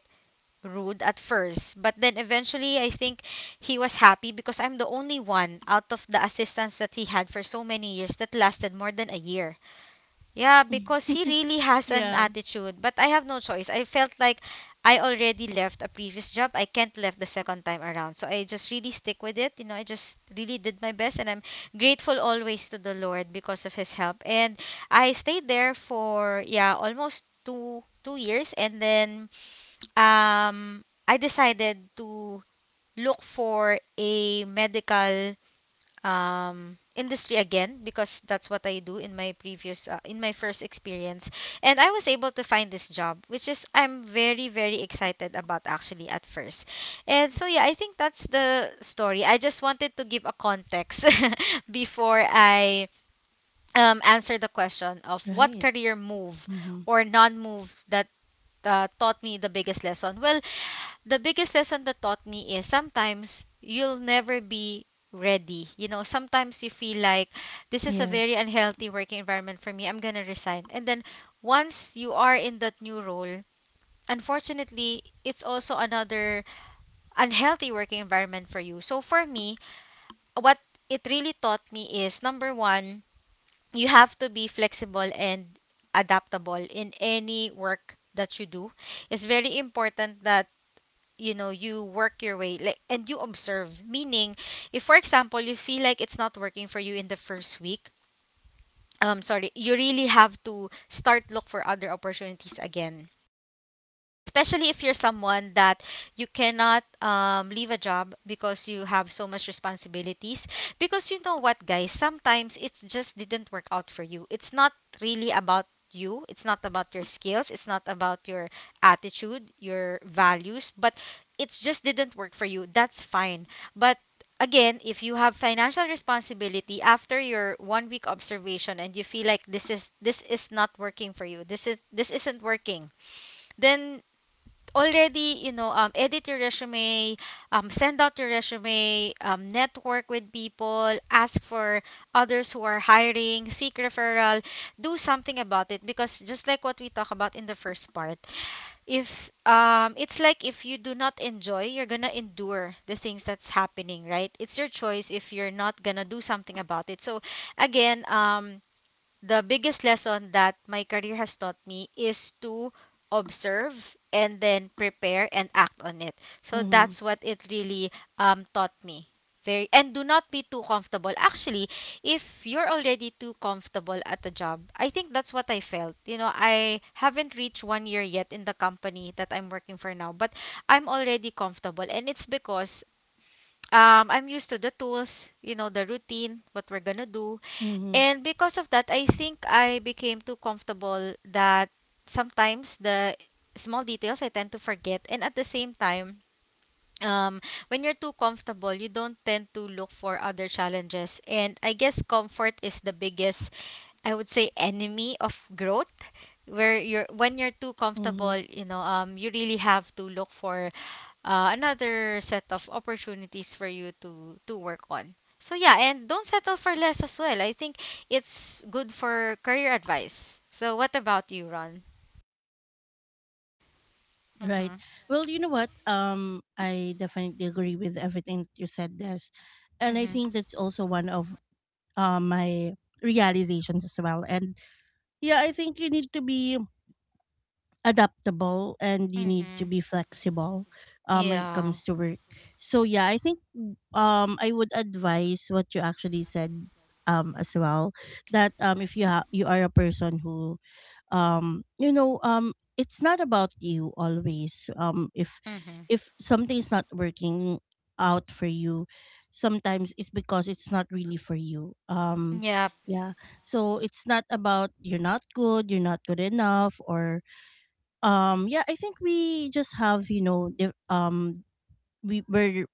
Speaker 2: rude at first, but then eventually I think he was happy because I'm the only one out of the assistants that he had for so many years that lasted more than a year. Yeah,
Speaker 1: hmm
Speaker 2: because he really has an
Speaker 1: Yeah.
Speaker 2: attitude, but I have no choice. I felt like I already left a previous job. I can't left the second time around. So I just really stick with it. You know, I just really did my best, and I'm grateful always to the Lord because of his help. And I stayed there for, yeah, almost two years and then I decided to look for a medical industry again because that's what I do in my previous in my first experience. And I was able to find this job, which is I'm very, very excited about, actually, at first. And so yeah, I think that's the story. I just wanted to give a context before I answer the question of what
Speaker 1: Right.
Speaker 2: career move
Speaker 1: Mm-hmm.
Speaker 2: or non-move that taught me the biggest lesson. Well, the biggest lesson that taught me is sometimes you'll never be ready. You know, sometimes you feel like this is a very
Speaker 1: Yes.
Speaker 2: unhealthy working environment for me. I'm going to resign. And then once you are in that new role, unfortunately, it's also another unhealthy working environment for you. So for me, what it really taught me is number one, you have to be flexible and adaptable in any work that you do. It's very important that you know you work your way, like, and you observe, meaning if for example you feel like it's not working for you in the first week, sorry, you really have to start look for other opportunities again, especially if you're someone that you cannot leave a job because you have so much responsibilities. Because you know what, guys, sometimes it just didn't work out for you. It's not really about you. It's not about your skills. It's not about your attitude, your values, but it just didn't work for you. That's fine. But again, if you have financial responsibility, after your one week observation, and you feel like this is not working for you, this isn't working, then already, you know, edit your resume, send out your resume, network with people, ask for others who are hiring, seek referral, do something about it. Because just like what we talk about in the first part, if it's like, if you do not enjoy, you're gonna endure the things that's happening, right? It's your choice if you're not gonna do something about it. So again, the biggest lesson that my career has taught me is to observe and then prepare and act on it. So
Speaker 1: Mm-hmm.
Speaker 2: that's what it really taught me. Very and do not be too comfortable. Actually, if you're already too comfortable at a job, I think that's what I felt. You know, I haven't reached one year yet in the company that I'm working for now, but I'm already comfortable, and it's because I'm used to the tools, you know, the routine, what we're gonna do,
Speaker 1: Mm-hmm.
Speaker 2: and because of that, I think I became too comfortable that sometimes the small details I tend to forget. And at the same time, um, when you're too comfortable, you don't tend to look for other challenges. And I guess comfort is the biggest, I would say, enemy of growth, where you're
Speaker 1: Mm-hmm.
Speaker 2: when you're too comfortable, you know, you really have to look for another set of opportunities for you to work on. So yeah, and don't settle for less as well. I think it's good for career advice. So what about you, Ron?
Speaker 1: Right.
Speaker 2: Mhm.
Speaker 1: Well, you know what? I definitely agree with everything that you said, Des. And I
Speaker 2: Mhm.
Speaker 1: think that's also one of my realizations as well. And yeah, I think you need to be adaptable and you
Speaker 2: Mm.
Speaker 1: need to be flexible when it
Speaker 2: Yeah.
Speaker 1: comes to work. So yeah, I think I would advise what you actually said, as well, that if you are a person who, you know, it's not about you always. If
Speaker 2: Mhm.
Speaker 1: something's not working out for you, sometimes it's because it's not really for you.
Speaker 2: Yep.
Speaker 1: Yeah so it's not about you're not good, you're not good enough, or yeah, I think we just have, you know we we're,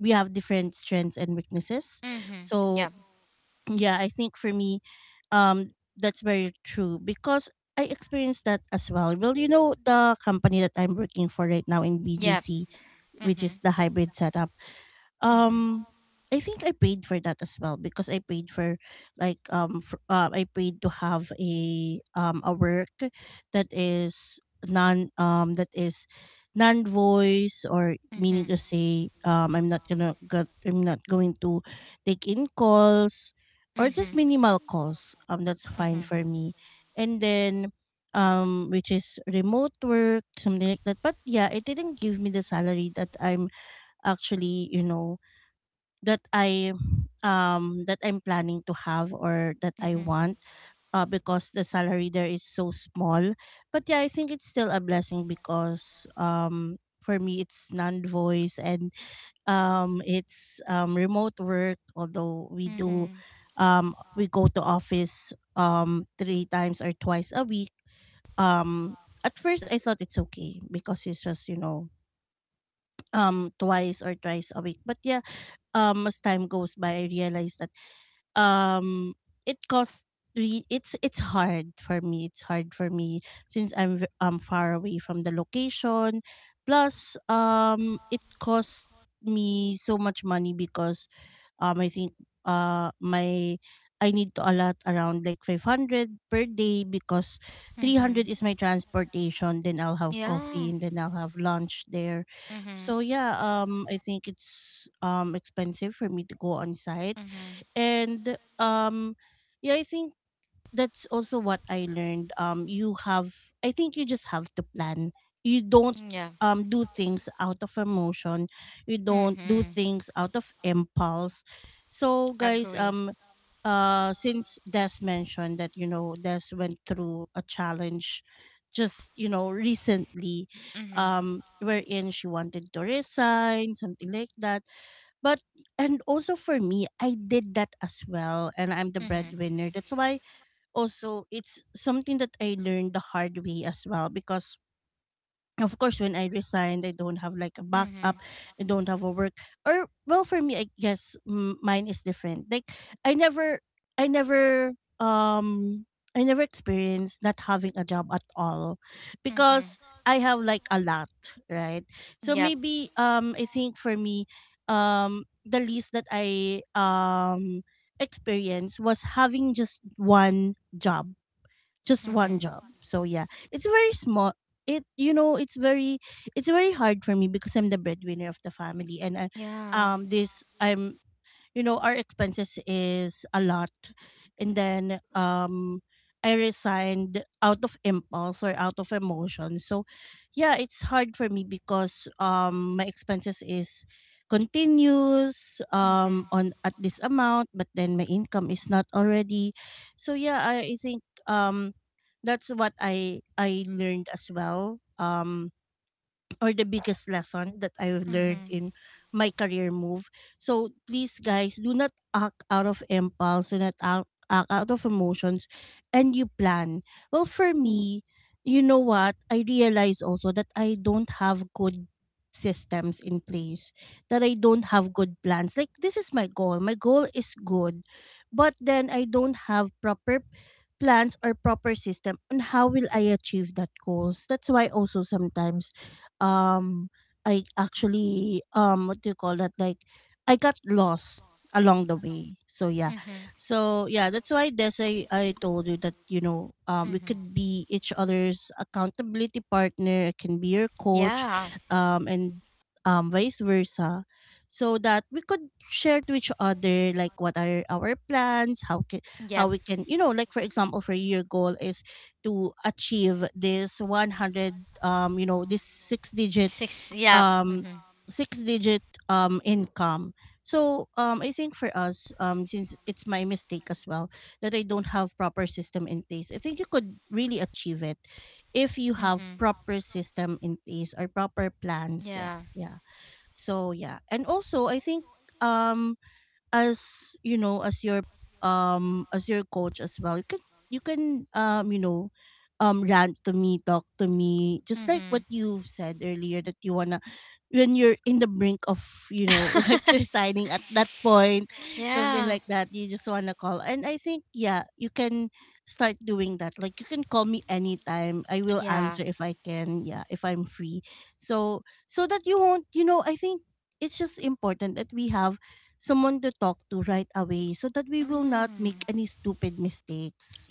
Speaker 1: we have different strengths and weaknesses.
Speaker 2: Mhm.
Speaker 1: So
Speaker 2: Yep.
Speaker 1: yeah, I think for me, that's very true because I experienced that as well. Well, you know, the company that I'm working for right now in
Speaker 2: Yep.
Speaker 1: BGC, which is
Speaker 2: Mhm.
Speaker 1: the hybrid setup,
Speaker 2: Mhm.
Speaker 1: um I think I prayed for that as well because I prayed for, for, I prayed to have a work that is non um that is non voice, or meaning
Speaker 2: Mhm.
Speaker 1: to say, I'm not going to take in calls, or just
Speaker 2: Mhm.
Speaker 1: minimal calls, that's fine
Speaker 2: Mhm.
Speaker 1: for me. And then, which is remote work, something like that. But yeah, it didn't give me the salary that I'm actually, you know, that I that I'm planning to have, or that I
Speaker 2: Mhm.
Speaker 1: want, because the salary there is so small. But yeah, I think it's still a blessing because, for me, it's non-voice and it's remote work, although we do,
Speaker 2: Mhm.
Speaker 1: we go to office three times or twice a week. Um at first I thought it's okay because it's just, you know, twice or thrice a week. But yeah, as time goes by I realized that um it costs it's hard for me, it's hard for me since I'm far away from the location, plus it costs me so much money because, I think my I need to allot around like 500 per day because 300
Speaker 2: Mhm.
Speaker 1: is my transportation, then I'll have coffee
Speaker 2: Yeah.
Speaker 1: and then I'll have lunch there. So
Speaker 2: Mhm.
Speaker 1: yeah, I think it's expensive for me to go on site.
Speaker 2: Mhm.
Speaker 1: And yeah, I think that's also what I learned. You have, I think you just have to plan, you don't
Speaker 2: Yeah.
Speaker 1: do things out of emotion, you don't do
Speaker 2: Mhm.
Speaker 1: things out of impulse. So guys,
Speaker 2: Agree.
Speaker 1: since Des mentioned that, you know, Des went through a challenge just, you know, recently,
Speaker 2: Mhm.
Speaker 1: wherein she wanted to resign, something like that, but, and also for me, I did that as well, and I'm the
Speaker 2: Mhm.
Speaker 1: breadwinner. That's why also it's something that I learned the hard way as well, because of course when I resigned I don't have like a
Speaker 2: Mhm.
Speaker 1: backup, I don't have a work, or, well, for me I guess mine is different. Like, i never I never um I never experienced not having a job at all, because
Speaker 2: Mhm.
Speaker 1: I have like a lot, right? So
Speaker 2: Yep.
Speaker 1: maybe, I think for me, the least that I experienced was having just one job, just one
Speaker 2: Mhm.
Speaker 1: job. So yeah, it's very small, it, you know, it's very, it's very hard for me because I'm the breadwinner of the family, and I,
Speaker 2: Yeah.
Speaker 1: this I'm you know, our expenses is a lot, and then I resigned out of impulse or out of emotion. So yeah, it's hard for me because my expenses is continuous
Speaker 2: Mhm.
Speaker 1: on at this amount, but then my income is not already. So yeah, I think um that's what I learned as well, or the biggest lesson that I've learned
Speaker 2: Mhm.
Speaker 1: in my career move. So please guys, do not act out of impulse, do not act, act out of emotions, and you plan. Well, for me, you know what? I realize also that I don't have good systems in place, that I don't have good plans. Like, this is my goal, my goal is good, but then I don't have proper plans or proper system on how will I achieve that goals. That's why also sometimes, um I actually, what do you call that? Like, I got lost along the way. So yeah.
Speaker 2: Mhm.
Speaker 1: So yeah, that's why this I told you that, you know, we
Speaker 2: Mhm.
Speaker 1: could be each other's accountability partner, I can be your
Speaker 2: Yeah.
Speaker 1: coach, and vice versa. So that we could share to each other like what are our plans,
Speaker 2: Yep.
Speaker 1: how we can, you know, like for example for your goal is to achieve this 100, you know, this six digit,
Speaker 2: Six. Yep.
Speaker 1: um
Speaker 2: Mhm.
Speaker 1: six digit income. So I think for us, since it's my mistake as well that I don't have proper system in place, I think you could really achieve it if you have
Speaker 2: Mhm.
Speaker 1: proper system in place or proper plans. Yeah,
Speaker 2: Yeah.
Speaker 1: yeah. So yeah, and also I think um as you know, as your coach as well, you can, you can rant to me, talk to me, just like what
Speaker 2: Mhm.
Speaker 1: you've said earlier that you wanna, when you're in the brink of, you know, like resigning at that point, something
Speaker 2: Yeah.
Speaker 1: like that, you just want to call. And I think yeah, you can start doing that. Like, you can call me anytime, I will
Speaker 2: Yeah.
Speaker 1: answer if I can, yeah, if I'm free. So, so that you won't, you know, I think it's just important that we have someone to talk to right away so that we will not
Speaker 2: Mm.
Speaker 1: make any stupid mistakes,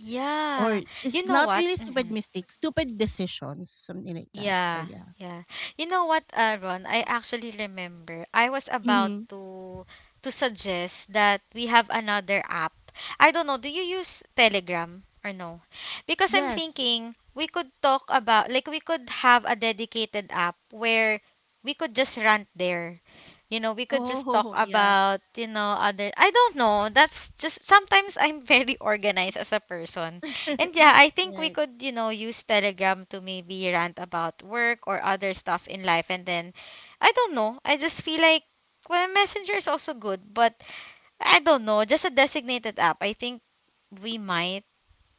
Speaker 1: or
Speaker 2: Yeah.
Speaker 1: it's
Speaker 2: You know
Speaker 1: not
Speaker 2: what?
Speaker 1: really stupid
Speaker 2: Mhm.
Speaker 1: mistakes, stupid decisions, something like that. So
Speaker 2: Yeah,
Speaker 1: yeah.
Speaker 2: yeah. You know what, Ron? I actually remember I was about
Speaker 1: Mm-hmm.
Speaker 2: to suggest that we have another app. I don't know, do you use Telegram or no? Because I'm
Speaker 1: Yes.
Speaker 2: thinking we could talk about, like, we could have a dedicated app where we could just rant there. You know, we could just talk
Speaker 1: Oh yeah.
Speaker 2: about, you know, other, I don't know. That's just sometimes I'm very organized as a person. And yeah, I think we
Speaker 1: right.
Speaker 2: could, you know, use Telegram to maybe rant about work or other stuff in life. And then, I don't know. I just feel like, well, Messenger is also good, but I don't know. Just a designated app. I think we might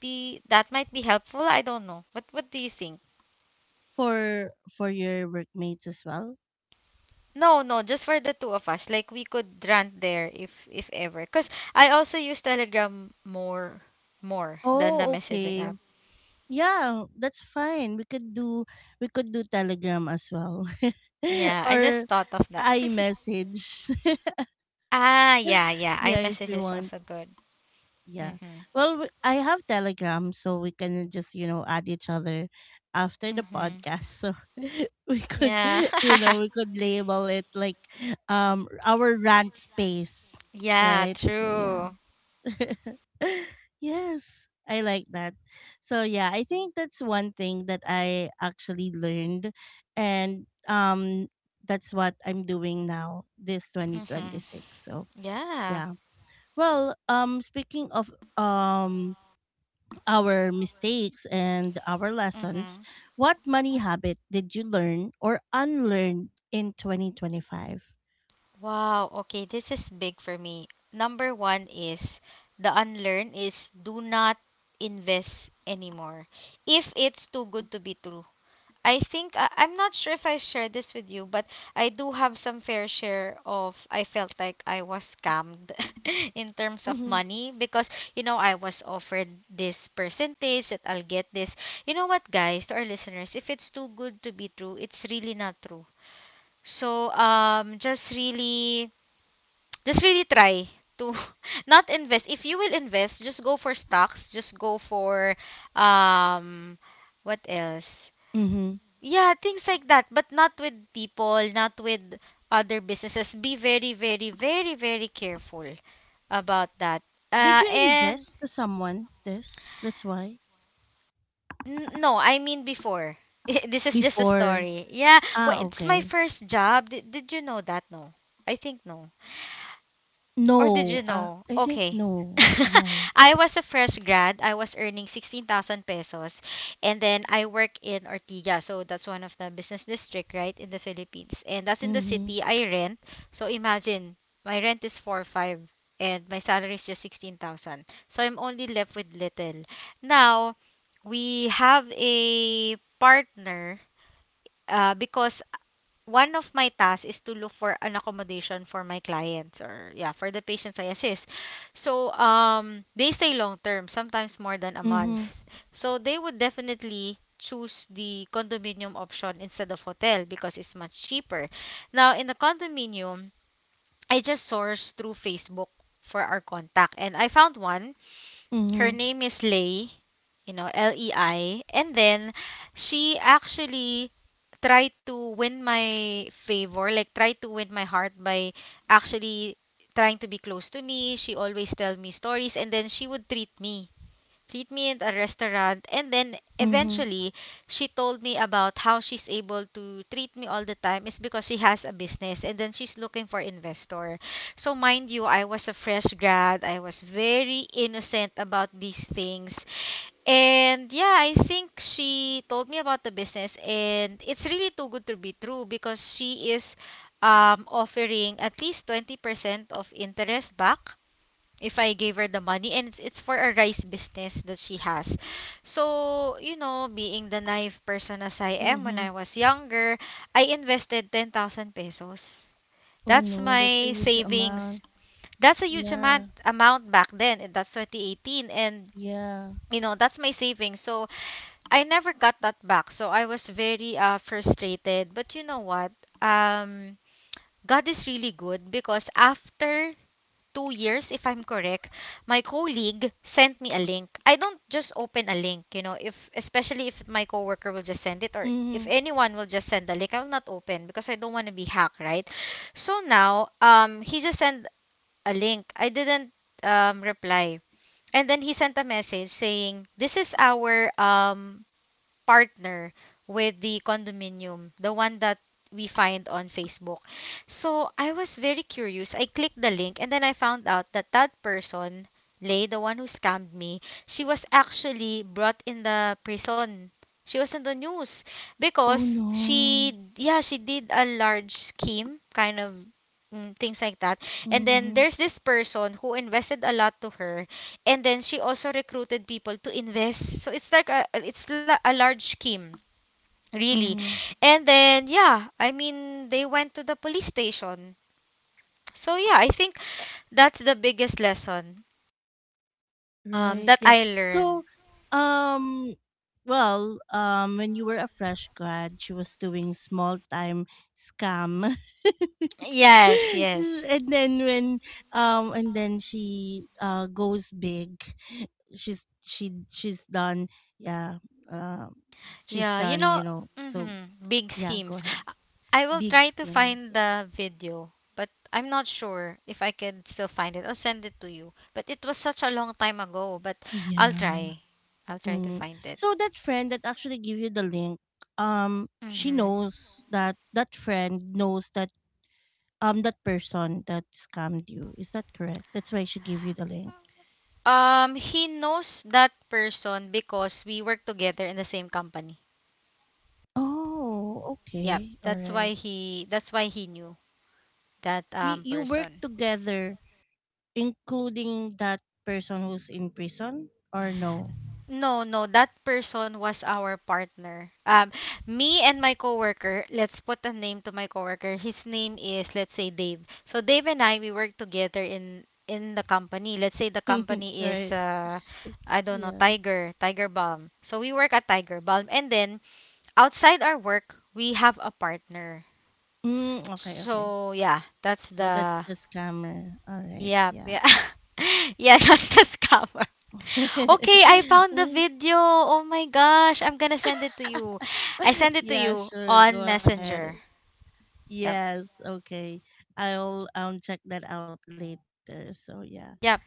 Speaker 2: that might be helpful. I don't know. What do you think?
Speaker 1: For your workmates as well.
Speaker 2: No, no, just for the two of us. Like we could rant there if ever. Cause I also use Telegram more than the
Speaker 1: Oh,
Speaker 2: messaging
Speaker 1: okay.
Speaker 2: app.
Speaker 1: Yeah, that's fine. We could do, we could do Telegram as well,
Speaker 2: Yeah, I
Speaker 1: or
Speaker 2: just thought of that.
Speaker 1: iMessage.
Speaker 2: Ah, yeah, yeah,
Speaker 1: yeah, if
Speaker 2: iMessage
Speaker 1: you
Speaker 2: is
Speaker 1: want.
Speaker 2: also good.
Speaker 1: Yeah.
Speaker 2: Mm-hmm.
Speaker 1: I have Telegram, so we can just, you know, add each other after the
Speaker 2: Mm-hmm.
Speaker 1: podcast. So we could,
Speaker 2: Yeah.
Speaker 1: you know, we could label it like, our rant space,
Speaker 2: Yeah,
Speaker 1: right? So
Speaker 2: true.
Speaker 1: yeah. yes, I like that. So yeah, I think that's one thing that I actually learned, and that's what I'm doing now this
Speaker 2: Mm-hmm.
Speaker 1: 2026. So
Speaker 2: Yeah.
Speaker 1: yeah. Well, speaking of um our mistakes and our lessons,
Speaker 2: Mm-hmm.
Speaker 1: what money habit did you learn or unlearn in 2025?
Speaker 2: Wow. Okay, this is big for me. Number one is, the unlearn is, do not invest anymore if it's too good to be true. I think I'm not sure if I shared this with you, but I do have some fair share of, I felt like I was scammed in
Speaker 1: Hmm
Speaker 2: terms
Speaker 1: Mm-hmm.
Speaker 2: of money because you know I was offered this percentage that I'll get this. You know what, guys, to our listeners, if it's too good to be true, it's really not true. So just really, just really try to not invest. If you will invest, just go for stocks. Just go for um, what else?
Speaker 1: Mm-hmm.
Speaker 2: Yeah, things like that, but not with people, not with other businesses. Be very, very, very, very careful about that.
Speaker 1: Did
Speaker 2: Uh,
Speaker 1: you
Speaker 2: and
Speaker 1: invest to someone this? That's why?
Speaker 2: no, I mean before. This is just a
Speaker 1: Before,
Speaker 2: story. Yeah, well,
Speaker 1: ah
Speaker 2: it's my
Speaker 1: okay.
Speaker 2: first job. Did you know that? No, I think no. Or did
Speaker 1: No.
Speaker 2: you know?
Speaker 1: I think
Speaker 2: Okay.
Speaker 1: no. Yeah.
Speaker 2: I was a fresh grad. I was earning 16,000 pesos. And then I work in Ortiga. So that's one of the business district, right, in the Philippines. And that's in the
Speaker 1: Mm-hmm.
Speaker 2: city. I rent. So imagine, my rent is 4 5 and my salary is just 16,000. So I'm only left with little. Now, we have a partner because one of my tasks is to look for an accommodation for my clients, or yeah, for the patients I assist. So, they stay long term, sometimes more than a month.
Speaker 1: Mm-hmm.
Speaker 2: So, they would definitely choose the condominium option instead of hotel because it's much cheaper. Now, in the condominium, I just sourced through Facebook for our contact, and I found one. Her
Speaker 1: Mm-hmm.
Speaker 2: name is Lei, Lei. And then she actually tried to win my favor, like tried to win my heart by actually trying to be close to me. She always tell me stories, and then she would treat me treatment, a restaurant, and then
Speaker 1: Mm-hmm.
Speaker 2: eventually she told me about how she's able to treat me all the time is because she has a business, and then she's looking for investor. So mind you, I was a fresh grad. I was very innocent about these things. And yeah, I think she told me about the business, and it's really too good to be true because she is offering at least 20% of interest back if I gave her the money, and it's for a rice business that she has. So, being the naive person as I am when
Speaker 1: Mm-hmm.
Speaker 2: I was younger, I invested 10,000 pesos.
Speaker 1: Oh
Speaker 2: That's
Speaker 1: no,
Speaker 2: my
Speaker 1: that's a huge
Speaker 2: savings.
Speaker 1: amount.
Speaker 2: That's a huge amount
Speaker 1: Yeah.
Speaker 2: amount back then. And That's 2018 and
Speaker 1: Yeah.
Speaker 2: that's my savings. So, I never got that back. So, I was very frustrated. But you know what? Um God is really good because after 2 years, if I'm correct, my colleague sent me a link. I don't just open a link, you know, if especially if my coworker will just send it or if
Speaker 1: Mm-hmm.
Speaker 2: anyone will just send the link, I will not open because I don't want to be hacked, right? So now, he just sent a link. I didn't reply. And then he sent a message saying, "This is our partner with the condominium, the one that we find on Facebook. So I was very curious. I clicked the link and then I found out that that person, Lay, the one who scammed me, she was actually brought in the prison. She was in the news
Speaker 1: Oh
Speaker 2: because
Speaker 1: no.
Speaker 2: she, yeah, she did a large scheme, kind of mm, things like that. And
Speaker 1: Mm-hmm.
Speaker 2: then there's this person who invested a lot to her, and then she also recruited people to invest, so it's like a a large scheme really.
Speaker 1: Mm-hmm.
Speaker 2: And then, yeah, I mean, they went to the police station. So yeah, I think that's the biggest lesson
Speaker 1: Right.
Speaker 2: that
Speaker 1: Yeah.
Speaker 2: I learned.
Speaker 1: So, um, when you were a fresh grad, she was doing small time scam,
Speaker 2: Yes, yes.
Speaker 1: and then when, and then she goes big. She's, she, she's done. Yeah. Um, she's
Speaker 2: Yeah, you
Speaker 1: done.
Speaker 2: know.
Speaker 1: You know. So
Speaker 2: Hmm, big
Speaker 1: yeah, go
Speaker 2: schemes.
Speaker 1: ahead.
Speaker 2: I will
Speaker 1: Big
Speaker 2: try to
Speaker 1: schemes.
Speaker 2: find
Speaker 1: Yeah.
Speaker 2: the video, but I'm not sure if I can still find it. I'll send it to you, but it was such a long time ago. But i'll
Speaker 1: Yeah.
Speaker 2: try I'll try to
Speaker 1: Mm.
Speaker 2: find it.
Speaker 1: So that friend that actually give you the link, she
Speaker 2: Mhm.
Speaker 1: knows that, that friend knows that that person that scammed you. Is that correct? That's why she gave you the link.
Speaker 2: He knows that person because we work together in the same company.
Speaker 1: Oh,
Speaker 2: Yep.
Speaker 1: okay, all right.
Speaker 2: That's why he knew that
Speaker 1: You you work
Speaker 2: person.
Speaker 1: together, including that person who's in prison, or no?
Speaker 2: No, no, that person was our partner. Me and my coworker, let's put a name to my coworker. His name is, let's say, Dave. So Dave and I, we work together in the company. Let's say the company is,
Speaker 1: right.
Speaker 2: I don't know,
Speaker 1: Yeah.
Speaker 2: Tiger Balm. So we work at Tiger Balm, and then outside our work, we have a partner.
Speaker 1: Mm, okay. Okay.
Speaker 2: So yeah, that's
Speaker 1: So that's
Speaker 2: the
Speaker 1: the scammer. All right.
Speaker 2: yeah,
Speaker 1: Yeah.
Speaker 2: yeah. Yeah, that's the scammer. Okay, I found the
Speaker 1: Right.
Speaker 2: video. Oh my gosh, I'm gonna send it to you. I send it to you
Speaker 1: yeah.
Speaker 2: on
Speaker 1: Sure. Go
Speaker 2: Messenger.
Speaker 1: ahead.
Speaker 2: Yep,
Speaker 1: Yes, okay. I'll check that out later. So
Speaker 2: yep,
Speaker 1: yeah.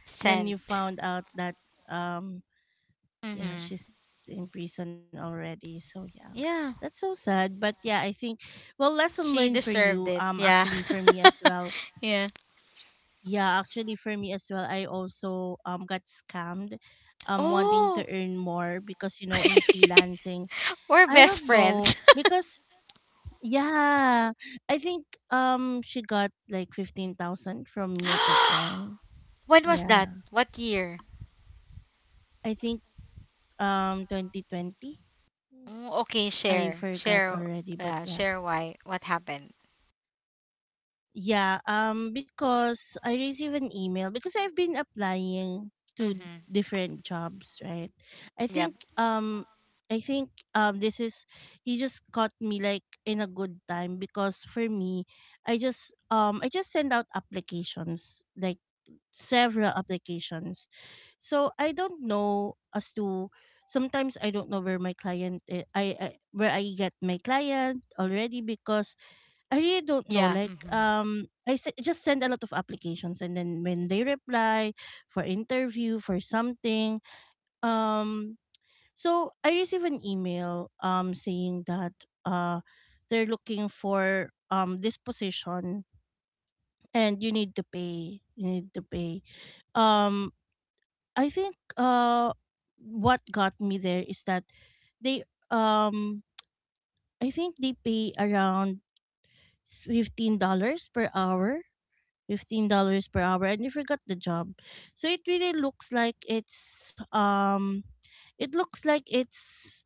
Speaker 1: Then
Speaker 2: sent.
Speaker 1: you found out that, um
Speaker 2: Mm-hmm.
Speaker 1: yeah, she's in prison already. So yeah.
Speaker 2: Yeah,
Speaker 1: That's so sad, but yeah, I think, well, lesson
Speaker 2: she
Speaker 1: learned for
Speaker 2: deserved
Speaker 1: you,
Speaker 2: it. Yeah,
Speaker 1: actually for me as well.
Speaker 2: yeah.
Speaker 1: Yeah, actually for me as well. I also got scammed wanting to
Speaker 2: Oh,
Speaker 1: earn more because, you know, in freelancing,
Speaker 2: we're
Speaker 1: I
Speaker 2: best
Speaker 1: don't
Speaker 2: friend.
Speaker 1: know because, yeah, I think she got like 15,000 from me at that time.
Speaker 2: When was that?
Speaker 1: Yeah.
Speaker 2: What year?
Speaker 1: I think 2020.
Speaker 2: Mm, okay,
Speaker 1: I
Speaker 2: share,
Speaker 1: forgot already, but
Speaker 2: yeah,
Speaker 1: yeah.
Speaker 2: share why, what happened.
Speaker 1: Yeah, because I received an email because I've been applying to
Speaker 2: Mm-hmm.
Speaker 1: different jobs, right? I
Speaker 2: Yeah.
Speaker 1: think um I think this is, he just caught me like in a good time because for me I just send out applications, like several applications. So I don't know as to sometimes I don't know where my client I where I get my client already, because I really don't know.
Speaker 2: Yeah,
Speaker 1: Like
Speaker 2: m
Speaker 1: just send a lot of applications, and then when they reply for interview for something. um so I receive an email saying that they're looking for this position, and you need to pay, you need to pay. Um I think What got me there is that they, um I think they pay around $15 per hour. $15 per hour, and you forgot the job. So it really looks like it looks like it's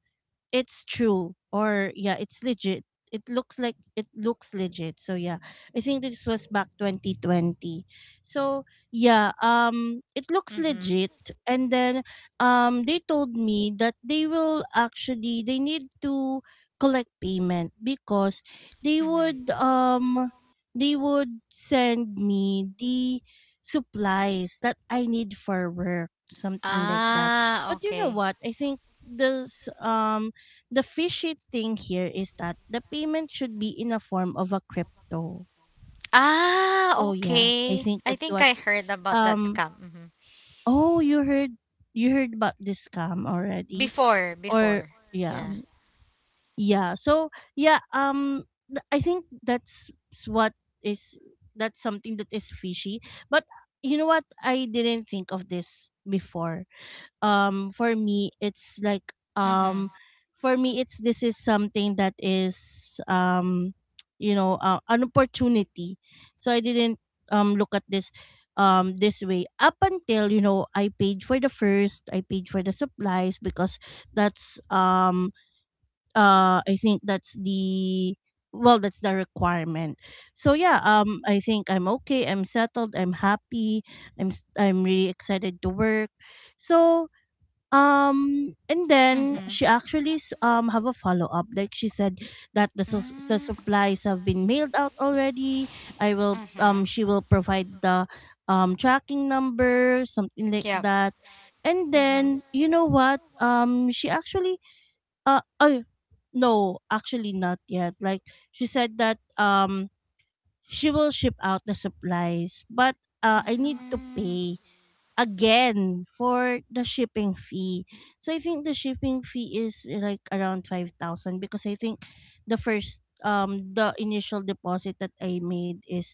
Speaker 1: it's true. Or yeah, it's legit, it looks like, it looks legit. So yeah, I think this was back 2020. So yeah, it looks
Speaker 2: mhm,
Speaker 1: legit. And then they told me that they will, actually they need to collect payment because they
Speaker 2: mhm.
Speaker 1: would, they would send me the supplies that I need for work, something like that.
Speaker 2: Ah,
Speaker 1: But you know
Speaker 2: okay.
Speaker 1: what? I think this the fishy thing here is that the payment should be in a form of a crypto.
Speaker 2: Ah,
Speaker 1: So yeah, I
Speaker 2: okay.
Speaker 1: think
Speaker 2: I
Speaker 1: that's
Speaker 2: think
Speaker 1: what
Speaker 2: I heard about that
Speaker 1: um
Speaker 2: scam. Mhm.
Speaker 1: oh, you heard about this scam already?
Speaker 2: Before,
Speaker 1: Or
Speaker 2: before.
Speaker 1: yeah.
Speaker 2: Yeah.
Speaker 1: Yeah. So yeah, I think is that's something that is fishy. But you know what? I didn't think of this before. For me it's like,
Speaker 2: Mhm.
Speaker 1: for me it's, this is something that is, you know, an opportunity. So I didn't look at this this way, up until, you know, I paid for the first I paid for the supplies, because that's I think that's the, well, that's the requirement. So yeah, I think I'm okay, I'm settled, I'm happy, I'm really excited to work. So and then
Speaker 2: Mhm.
Speaker 1: she actually have a follow up. Like she said that the
Speaker 2: Mm,
Speaker 1: supplies have been mailed out already. I will
Speaker 2: mhm.
Speaker 1: She will provide the tracking number, something like
Speaker 2: Yep.
Speaker 1: that. And
Speaker 2: Mhm.
Speaker 1: then you know what? She actually oh, no, actually not yet. Like she said that she will ship out the supplies, but I need to
Speaker 2: Mm.
Speaker 1: pay again for the shipping fee. So I think the shipping fee is, like, around 5,000, because I think the first the initial deposit that I made is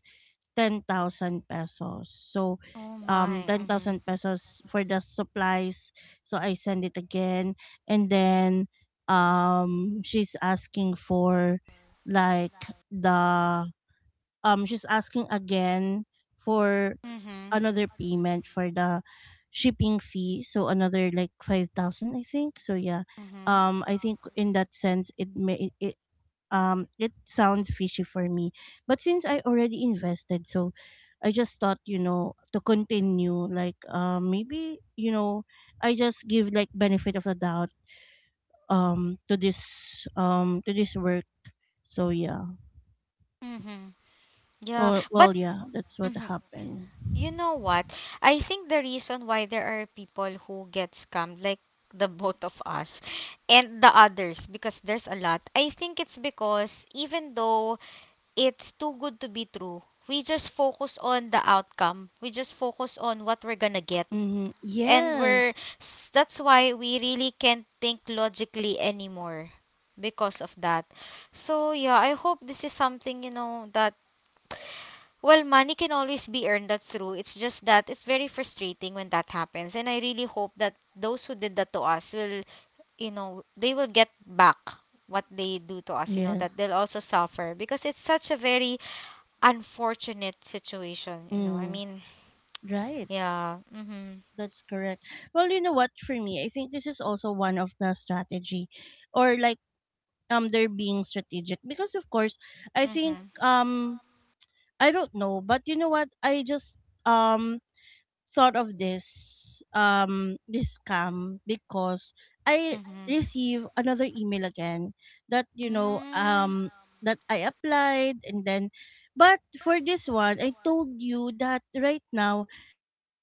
Speaker 1: 10,000 pesos. So
Speaker 2: Oh my.
Speaker 1: 10,000 pesos for the supplies. So I send it again, and then she's asking for, like, the she's asking again for
Speaker 2: Mhm.
Speaker 1: another payment for the shipping fee, so another like 5,000, I think. So yeah,
Speaker 2: Mhm.
Speaker 1: I think in that sense it may it it sounds fishy for me, but since I already invested, so I just thought, you know, to continue. Like maybe, you know, I just give, like, benefit of the doubt to this work. So yeah,
Speaker 2: Mhm. Yeah,
Speaker 1: well,
Speaker 2: but
Speaker 1: well, yeah, that's what
Speaker 2: mhm.
Speaker 1: happened.
Speaker 2: You know what? I think the reason why there are people who get scammed, like the both of us and the others, because there's a lot, I think it's because even though it's too good to be true, we just focus on the outcome. We just focus on what we're gonna get.
Speaker 1: Mm-hmm.
Speaker 2: And we're,
Speaker 1: Yes.
Speaker 2: that's why we really can't think logically anymore because of that. So yeah, I hope this is something, you know, that well, money can always be earned, that's true. It's just that it's very frustrating when that happens. And I really hope that those who did that to us will, you know, they will get back what they do to us, you know, that
Speaker 1: Yes.
Speaker 2: they'll also suffer because it's such a very unfortunate situation, you know. I
Speaker 1: Mm,
Speaker 2: mean,
Speaker 1: right.
Speaker 2: yeah. Mhm.
Speaker 1: That's correct. Well, you know what? For me, I think this is also one of the strategy, or like, they're being strategic because, of course, I think
Speaker 2: Mhm.
Speaker 1: um, I don't know, but you know what? I just um thought of this this scam because I
Speaker 2: Mhm.
Speaker 1: receive another email again that, you know,
Speaker 2: Mhm.
Speaker 1: that I applied, and then, but for this one, I told you that right now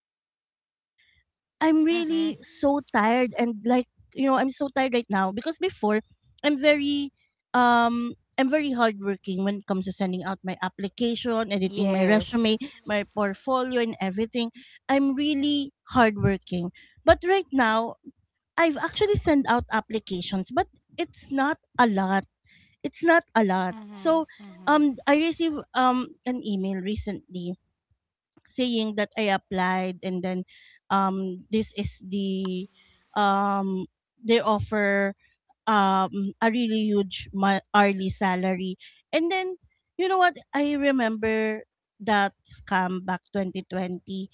Speaker 1: I'm really so tired
Speaker 2: Mhm.
Speaker 1: and, like, you know, I'm so tired right now, because before I'm very um I'm very hardworking when it comes to sending out my application, editing my
Speaker 2: Yes.
Speaker 1: resume, my portfolio and everything. I'm really hardworking. But right now, I've actually sent out applications, but it's not a lot. It's not a lot. So
Speaker 2: Mhm.
Speaker 1: I received an email recently saying that I applied, and then this is the um they offer a really huge hourly salary, and then you know what? I remember that scam back 2020.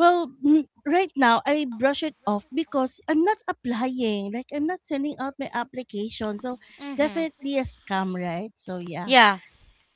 Speaker 1: Well, mm, right now I brush it off because I'm not applying, like I'm not sending out my application, so
Speaker 2: Mhm.
Speaker 1: definitely a scam, right? So yeah.
Speaker 2: Yeah.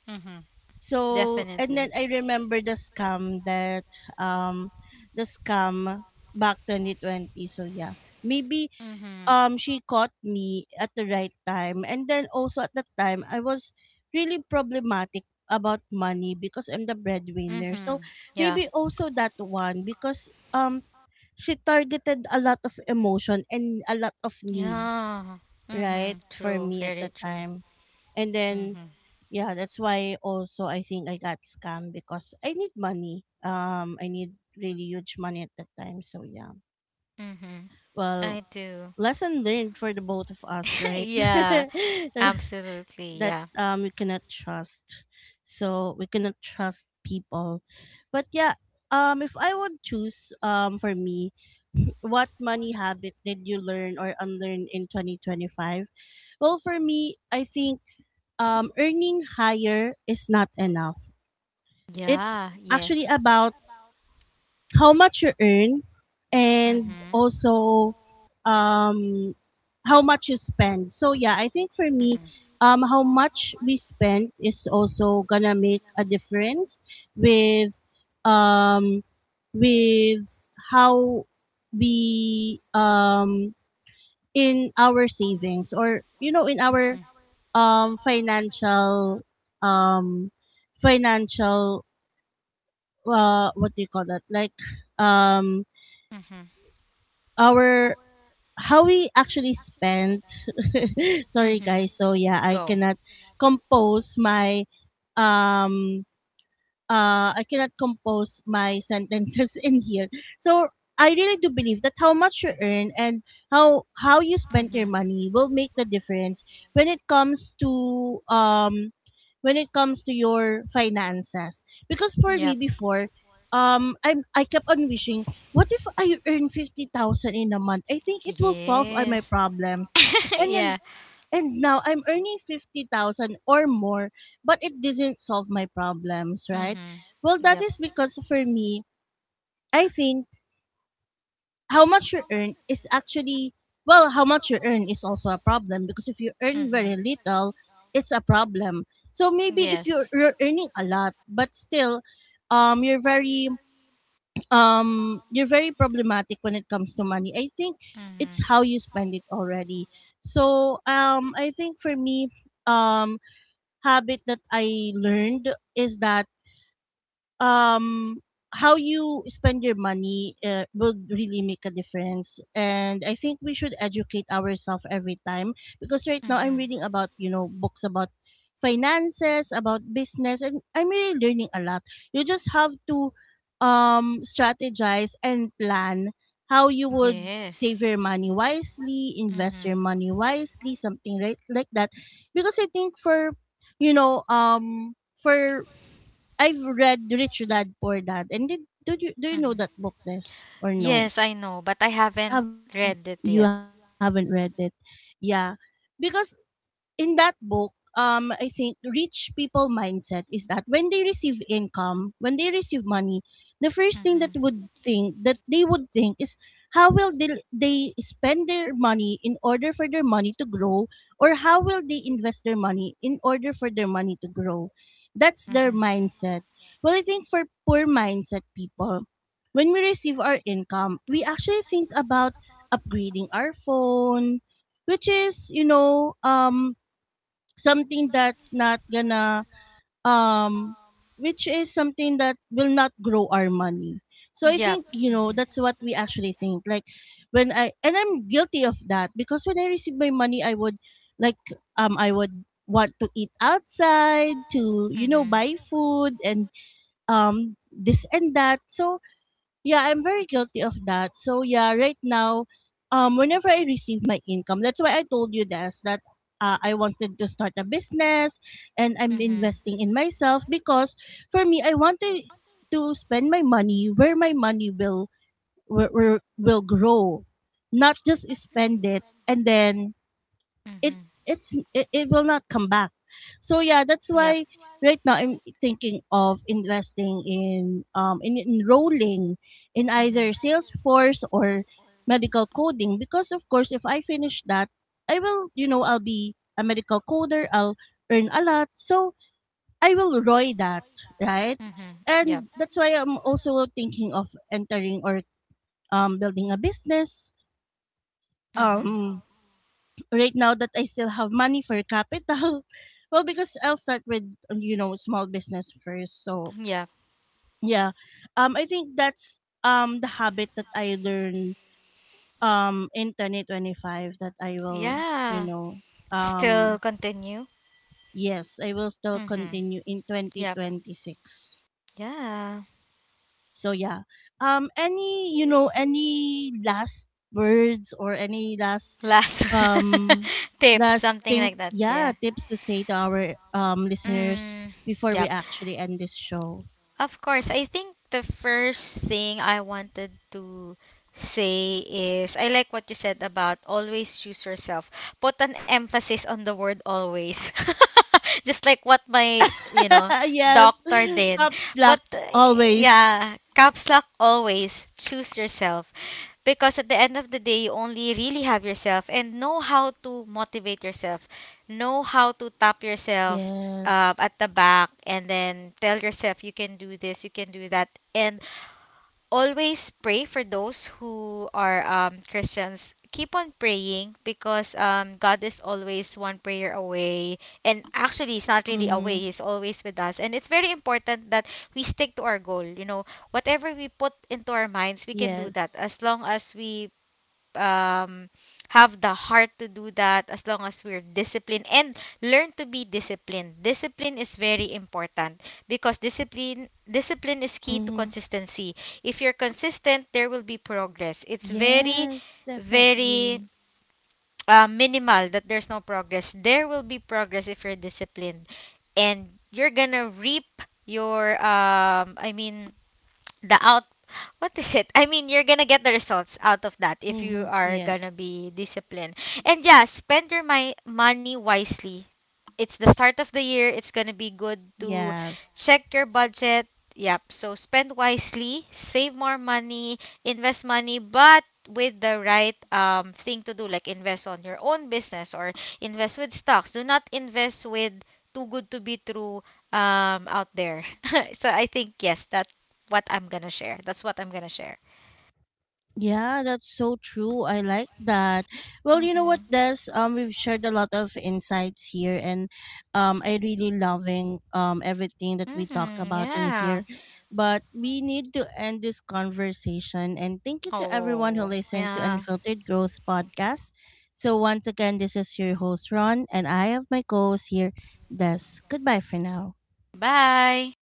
Speaker 2: Mhm.
Speaker 1: So, and then
Speaker 2: Definitely.
Speaker 1: I remember the scam that, um, the scam back 2020. So, yeah. Maybe
Speaker 2: Mhm.
Speaker 1: she caught me at the right time. And then also at that time, I was really problematic about money because I'm the breadwinner.
Speaker 2: Mhm.
Speaker 1: So,
Speaker 2: Yeah.
Speaker 1: maybe also that one, because she targeted a lot of emotion and a lot of needs,
Speaker 2: Yeah.
Speaker 1: right?
Speaker 2: Mm-hmm.
Speaker 1: For
Speaker 2: True.
Speaker 1: me at
Speaker 2: Very
Speaker 1: the
Speaker 2: true.
Speaker 1: time. And then
Speaker 2: Mm-hmm.
Speaker 1: yeah, that's why also I think I got scammed, because I need money, I need really huge money at that time. So yeah,
Speaker 2: Mm-hmm.
Speaker 1: well,
Speaker 2: I do.
Speaker 1: lesson learned for the both of us, right?
Speaker 2: Yeah. Absolutely.
Speaker 1: That
Speaker 2: Yeah.
Speaker 1: we cannot trust, so we cannot trust people. But yeah, if I would choose, for me, what money habit did you learn or unlearn in 2025? Well, for me I think earning higher is not enough. It's
Speaker 2: Yeah.
Speaker 1: actually
Speaker 2: Yes.
Speaker 1: about how much you earn, and
Speaker 2: Mm-hmm.
Speaker 1: also, um, how much you spend. So yeah, I think for me,
Speaker 2: Mm-hmm.
Speaker 1: how much we spend is also gonna make a difference with, um, with how we, in our savings, or you know, in our um, financial um, financial, what do you call that? Like, um,
Speaker 2: Mm-hmm.
Speaker 1: our, how we actually spent. Sorry,
Speaker 2: Mm-hmm.
Speaker 1: guys. So yeah,
Speaker 2: Go.
Speaker 1: compose my um I cannot compose my sentences in here. So I really do believe that how much you earn and how you spend your
Speaker 2: Mm-hmm.
Speaker 1: money will make the difference when it comes to when it comes to your finances. Because for me
Speaker 2: Yep.
Speaker 1: before, I kept on wishing, what if I earn 50,000 in a month? I think it will solve all my
Speaker 2: Yes.
Speaker 1: problems. And
Speaker 2: Yeah.
Speaker 1: then, and now I'm earning 50,000 or more, but it didn't solve my problems, right?
Speaker 2: Mm-hmm.
Speaker 1: Well, that
Speaker 2: Yep.
Speaker 1: is because for me, I think how much you earn is actually, well, how much you earn is also a problem, because if you earn very
Speaker 2: Mm-hmm.
Speaker 1: little, it's a problem. So maybe if
Speaker 2: Yes.
Speaker 1: you're earning a lot, but still, um, you're very, you're very problematic when it comes to money. I think
Speaker 2: Mm-hmm.
Speaker 1: it's how you spend it already. So, I think for me, um, habit that I learned is that um how you spend your money, will really make a difference. And I think we should educate ourselves every time, because right now I'm
Speaker 2: Mm-hmm.
Speaker 1: reading about, you know, books about finances, about business, and I'm really learning a lot. You just have to strategize and plan how you would save
Speaker 2: Yes.
Speaker 1: your money wisely, invest
Speaker 2: Mm-hmm.
Speaker 1: your money wisely, something right like that. Because I think for you know for I've read Rich Dad Poor Dad, and did do you know
Speaker 2: Mm-hmm.
Speaker 1: that book, Des, or no?
Speaker 2: Yes, I know, but I haven't
Speaker 1: Have You
Speaker 2: read it
Speaker 1: haven't
Speaker 2: yet.
Speaker 1: read it? Yeah, because in that book, I think rich people mindset is that when they receive income, when they receive money, the first thing that would
Speaker 2: Mm-hmm.
Speaker 1: think that they would think is, how will they spend their money in order for their money to grow, or how will they invest their money in order for their money to grow. That's their
Speaker 2: Mm-hmm.
Speaker 1: mindset. Well, I think for poor mindset people, when we receive our income, we actually think about upgrading our phone, which is, you know, something that's not gonna um which is something that will not grow our money. So I
Speaker 2: Yep.
Speaker 1: think, you know,
Speaker 2: Mm-hmm.
Speaker 1: that's what we actually think. Like when I and I'm guilty of that, because when I receive my money I would, like, I would want to eat outside, to, you know, buy
Speaker 2: Mm-hmm.
Speaker 1: food and this and that. So yeah, I'm very guilty of that. So yeah, right now, whenever I receive my income, that's why I told you this, that I wanted to start a business, and I'm
Speaker 2: Mm-hmm.
Speaker 1: investing in myself, because for me, I want to spend my money where my money will, will grow, not just spend it, and then it
Speaker 2: Mm-hmm.
Speaker 1: it's it will not come back. So yeah, that's
Speaker 2: Yep.
Speaker 1: why right now I'm thinking of investing in, in enrolling in
Speaker 2: Mm-hmm.
Speaker 1: either Salesforce or medical coding, because of course if I finish that, I will, you know, I'll be a medical coder. I'll earn a lot, so I will roy that, right.
Speaker 2: Mm, yep.
Speaker 1: And that's why I'm also thinking of entering, or building a business
Speaker 2: Mm-hmm.
Speaker 1: um right now that I still have money for capital. Well, because I'll start with, you know, small business first. So
Speaker 2: Yep.
Speaker 1: yeah, I think that's the habit that I learned in 2025, that I will,
Speaker 2: Yeah.
Speaker 1: you know,
Speaker 2: Still continue.
Speaker 1: yes, I will still
Speaker 2: Mm-hmm.
Speaker 1: continue in twenty
Speaker 2: Yep.
Speaker 1: twenty six.
Speaker 2: Yeah.
Speaker 1: So yeah, any, you know, any last words, or any last
Speaker 2: Last
Speaker 1: um
Speaker 2: tip,
Speaker 1: last
Speaker 2: something
Speaker 1: thing,
Speaker 2: like that.
Speaker 1: yeah,
Speaker 2: Yeah.
Speaker 1: tips to say to our listeners
Speaker 2: Mm,
Speaker 1: before we
Speaker 2: yep.
Speaker 1: actually end this show.
Speaker 2: Of course, I think the first thing I wanted to say is I like what you said about always choose yourself. Put an emphasis on the word always. Just like what my, you know,
Speaker 1: Yes.
Speaker 2: doctor did.
Speaker 1: Top
Speaker 2: But
Speaker 1: slack. Always.
Speaker 2: yeah, caps lock always choose yourself, because at the end of the day you only really have yourself and know how to motivate yourself, know how to tap yourself
Speaker 1: Yes.
Speaker 2: at the back, and then tell yourself you can do this, you can do that. And always pray. For those who are Christians, keep on praying, because God is always one prayer away, and actually he's not really
Speaker 1: Mm-hmm.
Speaker 2: away, he's always with us. And it's very important that we stick to our goal, you know, whatever we put into our minds, we can do that
Speaker 1: Yes.
Speaker 2: as long as we um, have the heart to do that, as long as we're disciplined and learn to be disciplined. Discipline is very important because discipline is key to
Speaker 1: Mm-hmm.
Speaker 2: consistency. If you're consistent, there will be progress. It's very
Speaker 1: Yes,
Speaker 2: very
Speaker 1: definitely.
Speaker 2: minimal that there's no progress. There will be progress if you're disciplined, and you're gonna reap your I mean the out what is it I mean you're gonna get the results out of that if you
Speaker 1: Mm-hmm.
Speaker 2: are gonna
Speaker 1: Yes.
Speaker 2: be disciplined. And yeah, spend your my money wisely. It's the start of the year, it's gonna be good to
Speaker 1: Yes.
Speaker 2: check your budget. Yep, so spend wisely, save more money, invest money, but with the right thing to do, like invest on your own business or invest with stocks. Do not invest with too good to be true out there. So I think, yes, that what I'm gonna share. That's what I'm gonna share.
Speaker 1: Yeah, that's so true. I like that. Well, you know what,
Speaker 2: Mm-hmm.
Speaker 1: Des? We've shared a lot of insights here, and I really loving everything that we talk
Speaker 2: Mm-hmm.
Speaker 1: about in
Speaker 2: Yeah.
Speaker 1: here. But we need to end this conversation, and thank you to everyone who
Speaker 2: Oh,
Speaker 1: listened to
Speaker 2: yeah.
Speaker 1: Unfiltered Growth podcast. So once again, this is your host Ron, and I have my co-host here, Des. Goodbye for now.
Speaker 2: Bye.